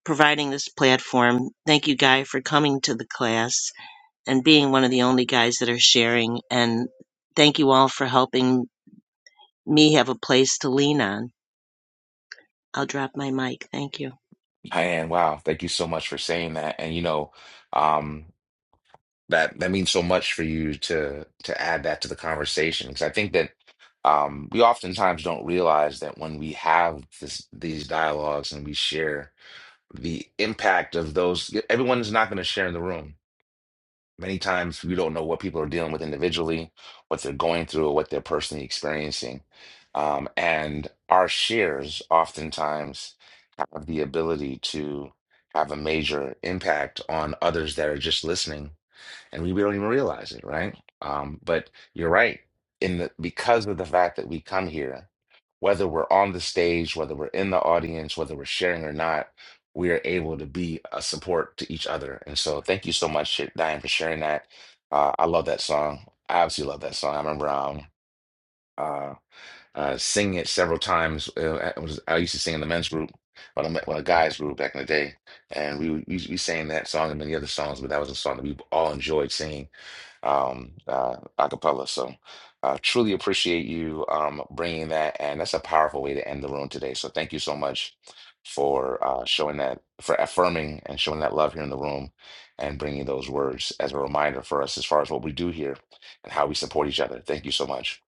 Speaker 9: providing this platform. Thank you, Guy, for coming to the class and being one of the only guys that are sharing. And thank you all for helping me have a place to lean on. I'll drop my mic. Thank you.
Speaker 1: And wow, thank you so much for saying that. And you know, um, that that means so much for you to to add that to the conversation because I think that um, we oftentimes don't realize that when we have this these dialogues and we share the impact of those, everyone's not going to share in the room Many times we don't know what people are dealing with individually, what they're going through, or what they're personally experiencing. Um, and our shares oftentimes have the ability to have a major impact on others that are just listening and we, don't even realize it, right? Um, but you're right in the because of the fact that we come here, whether we're on the stage, whether we're in the audience, whether we're sharing or not, we are able to be a support to each other. And so, thank you so much, Diane, for sharing that. Uh, I love that song. I absolutely love that song. I remember um, uh, uh, singing it several times. Uh, I, was, I used to sing in the men's group, when I met when a guys group back in the day, and we we, we sang that song and many other songs. But that was a song that we all enjoyed singing um, uh, acapella. So uh, truly appreciate you um, bringing that, and that's a powerful way to end the room today. So thank you so much for uh, showing that, for affirming and showing that love here in the room, and bringing those words as a reminder for us as far as what we do here and how we support each other. Thank you so much.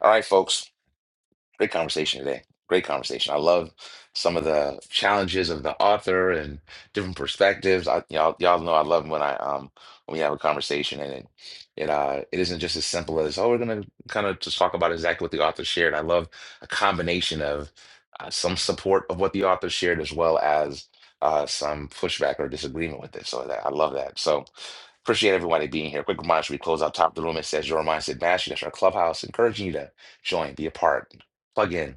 Speaker 1: All right, folks. Great conversation today. Great conversation. I love some of the challenges of the author and different perspectives. I, y'all, y'all know I love when I um when we have a conversation and it it uh it isn't just as simple as oh we're gonna kind of just talk about exactly what the author shared. I love a combination of uh, some support of what the author shared as well as uh, some pushback or disagreement with it. So that, I love that. So appreciate everybody being here. Quick reminder: we close out top of the room? It says your mindset mastery. That's our clubhouse, encouraging you to join, be a part plug in.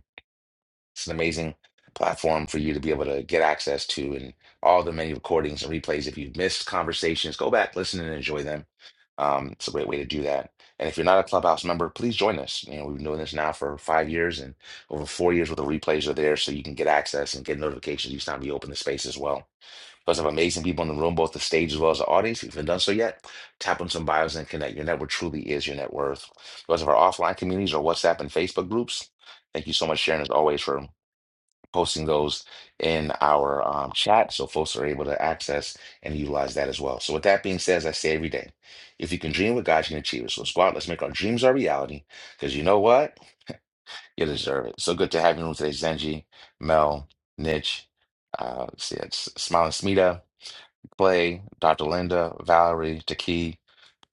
Speaker 1: It's an amazing platform for you to be able to get access to and all the many recordings and replays. If you've missed conversations, go back, listen, and enjoy them. Um, it's a great way to do that. And if you're not a Clubhouse member, please join us. You know, we've been doing this now for five years and over four years with the replays are there so you can get access and get notifications each time we open the space as well. Because of amazing people in the room, both the stage as well as the audience. If you haven't done so yet, tap on some bios and connect. Your network truly is your net worth. Because of our offline communities or WhatsApp and Facebook groups, thank you so much, Sharon, as always, for posting those in our um, chat so folks are able to access and utilize that as well. So, with that being said, as I say every day, if you can dream what God, you can achieve it. So, let's go out, let's make our dreams our reality. Because you know what? You deserve it. So good to have you in the room today, Zenji, Mel, Nitch, uh, let's see, it's Smiling Smita. Clay, Dr. Linda, Valerie, Taki,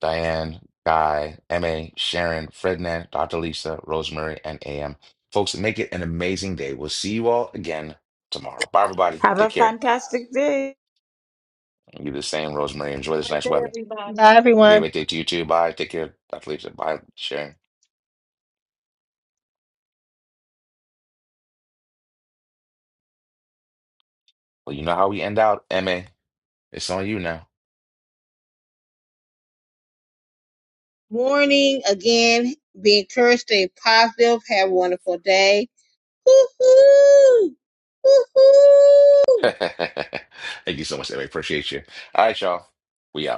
Speaker 1: Diane, Guy, MA, Sharon, Frednan, Dr. Lisa, Rosemary, and AM. Folks, make it an amazing day. We'll see you all again tomorrow. Bye, everybody.
Speaker 7: Have a
Speaker 1: Take care.
Speaker 7: fantastic day.
Speaker 1: You do the same, Rosemary. Enjoy this nice weather.
Speaker 5: Bye
Speaker 1: Okay,
Speaker 5: everyone.
Speaker 1: wait, take to you too. Bye. Take care, Dr. Lisa. Bye, Sharon. Well, you know how we end out, MA. It's on you now.
Speaker 2: Morning again. Be encouraged, stay positive. Have a wonderful day Woohoo!
Speaker 1: [LAUGHS]
Speaker 2: Woohoo!
Speaker 1: Thank you so much, MA. Appreciate you. All right, y'all. We out.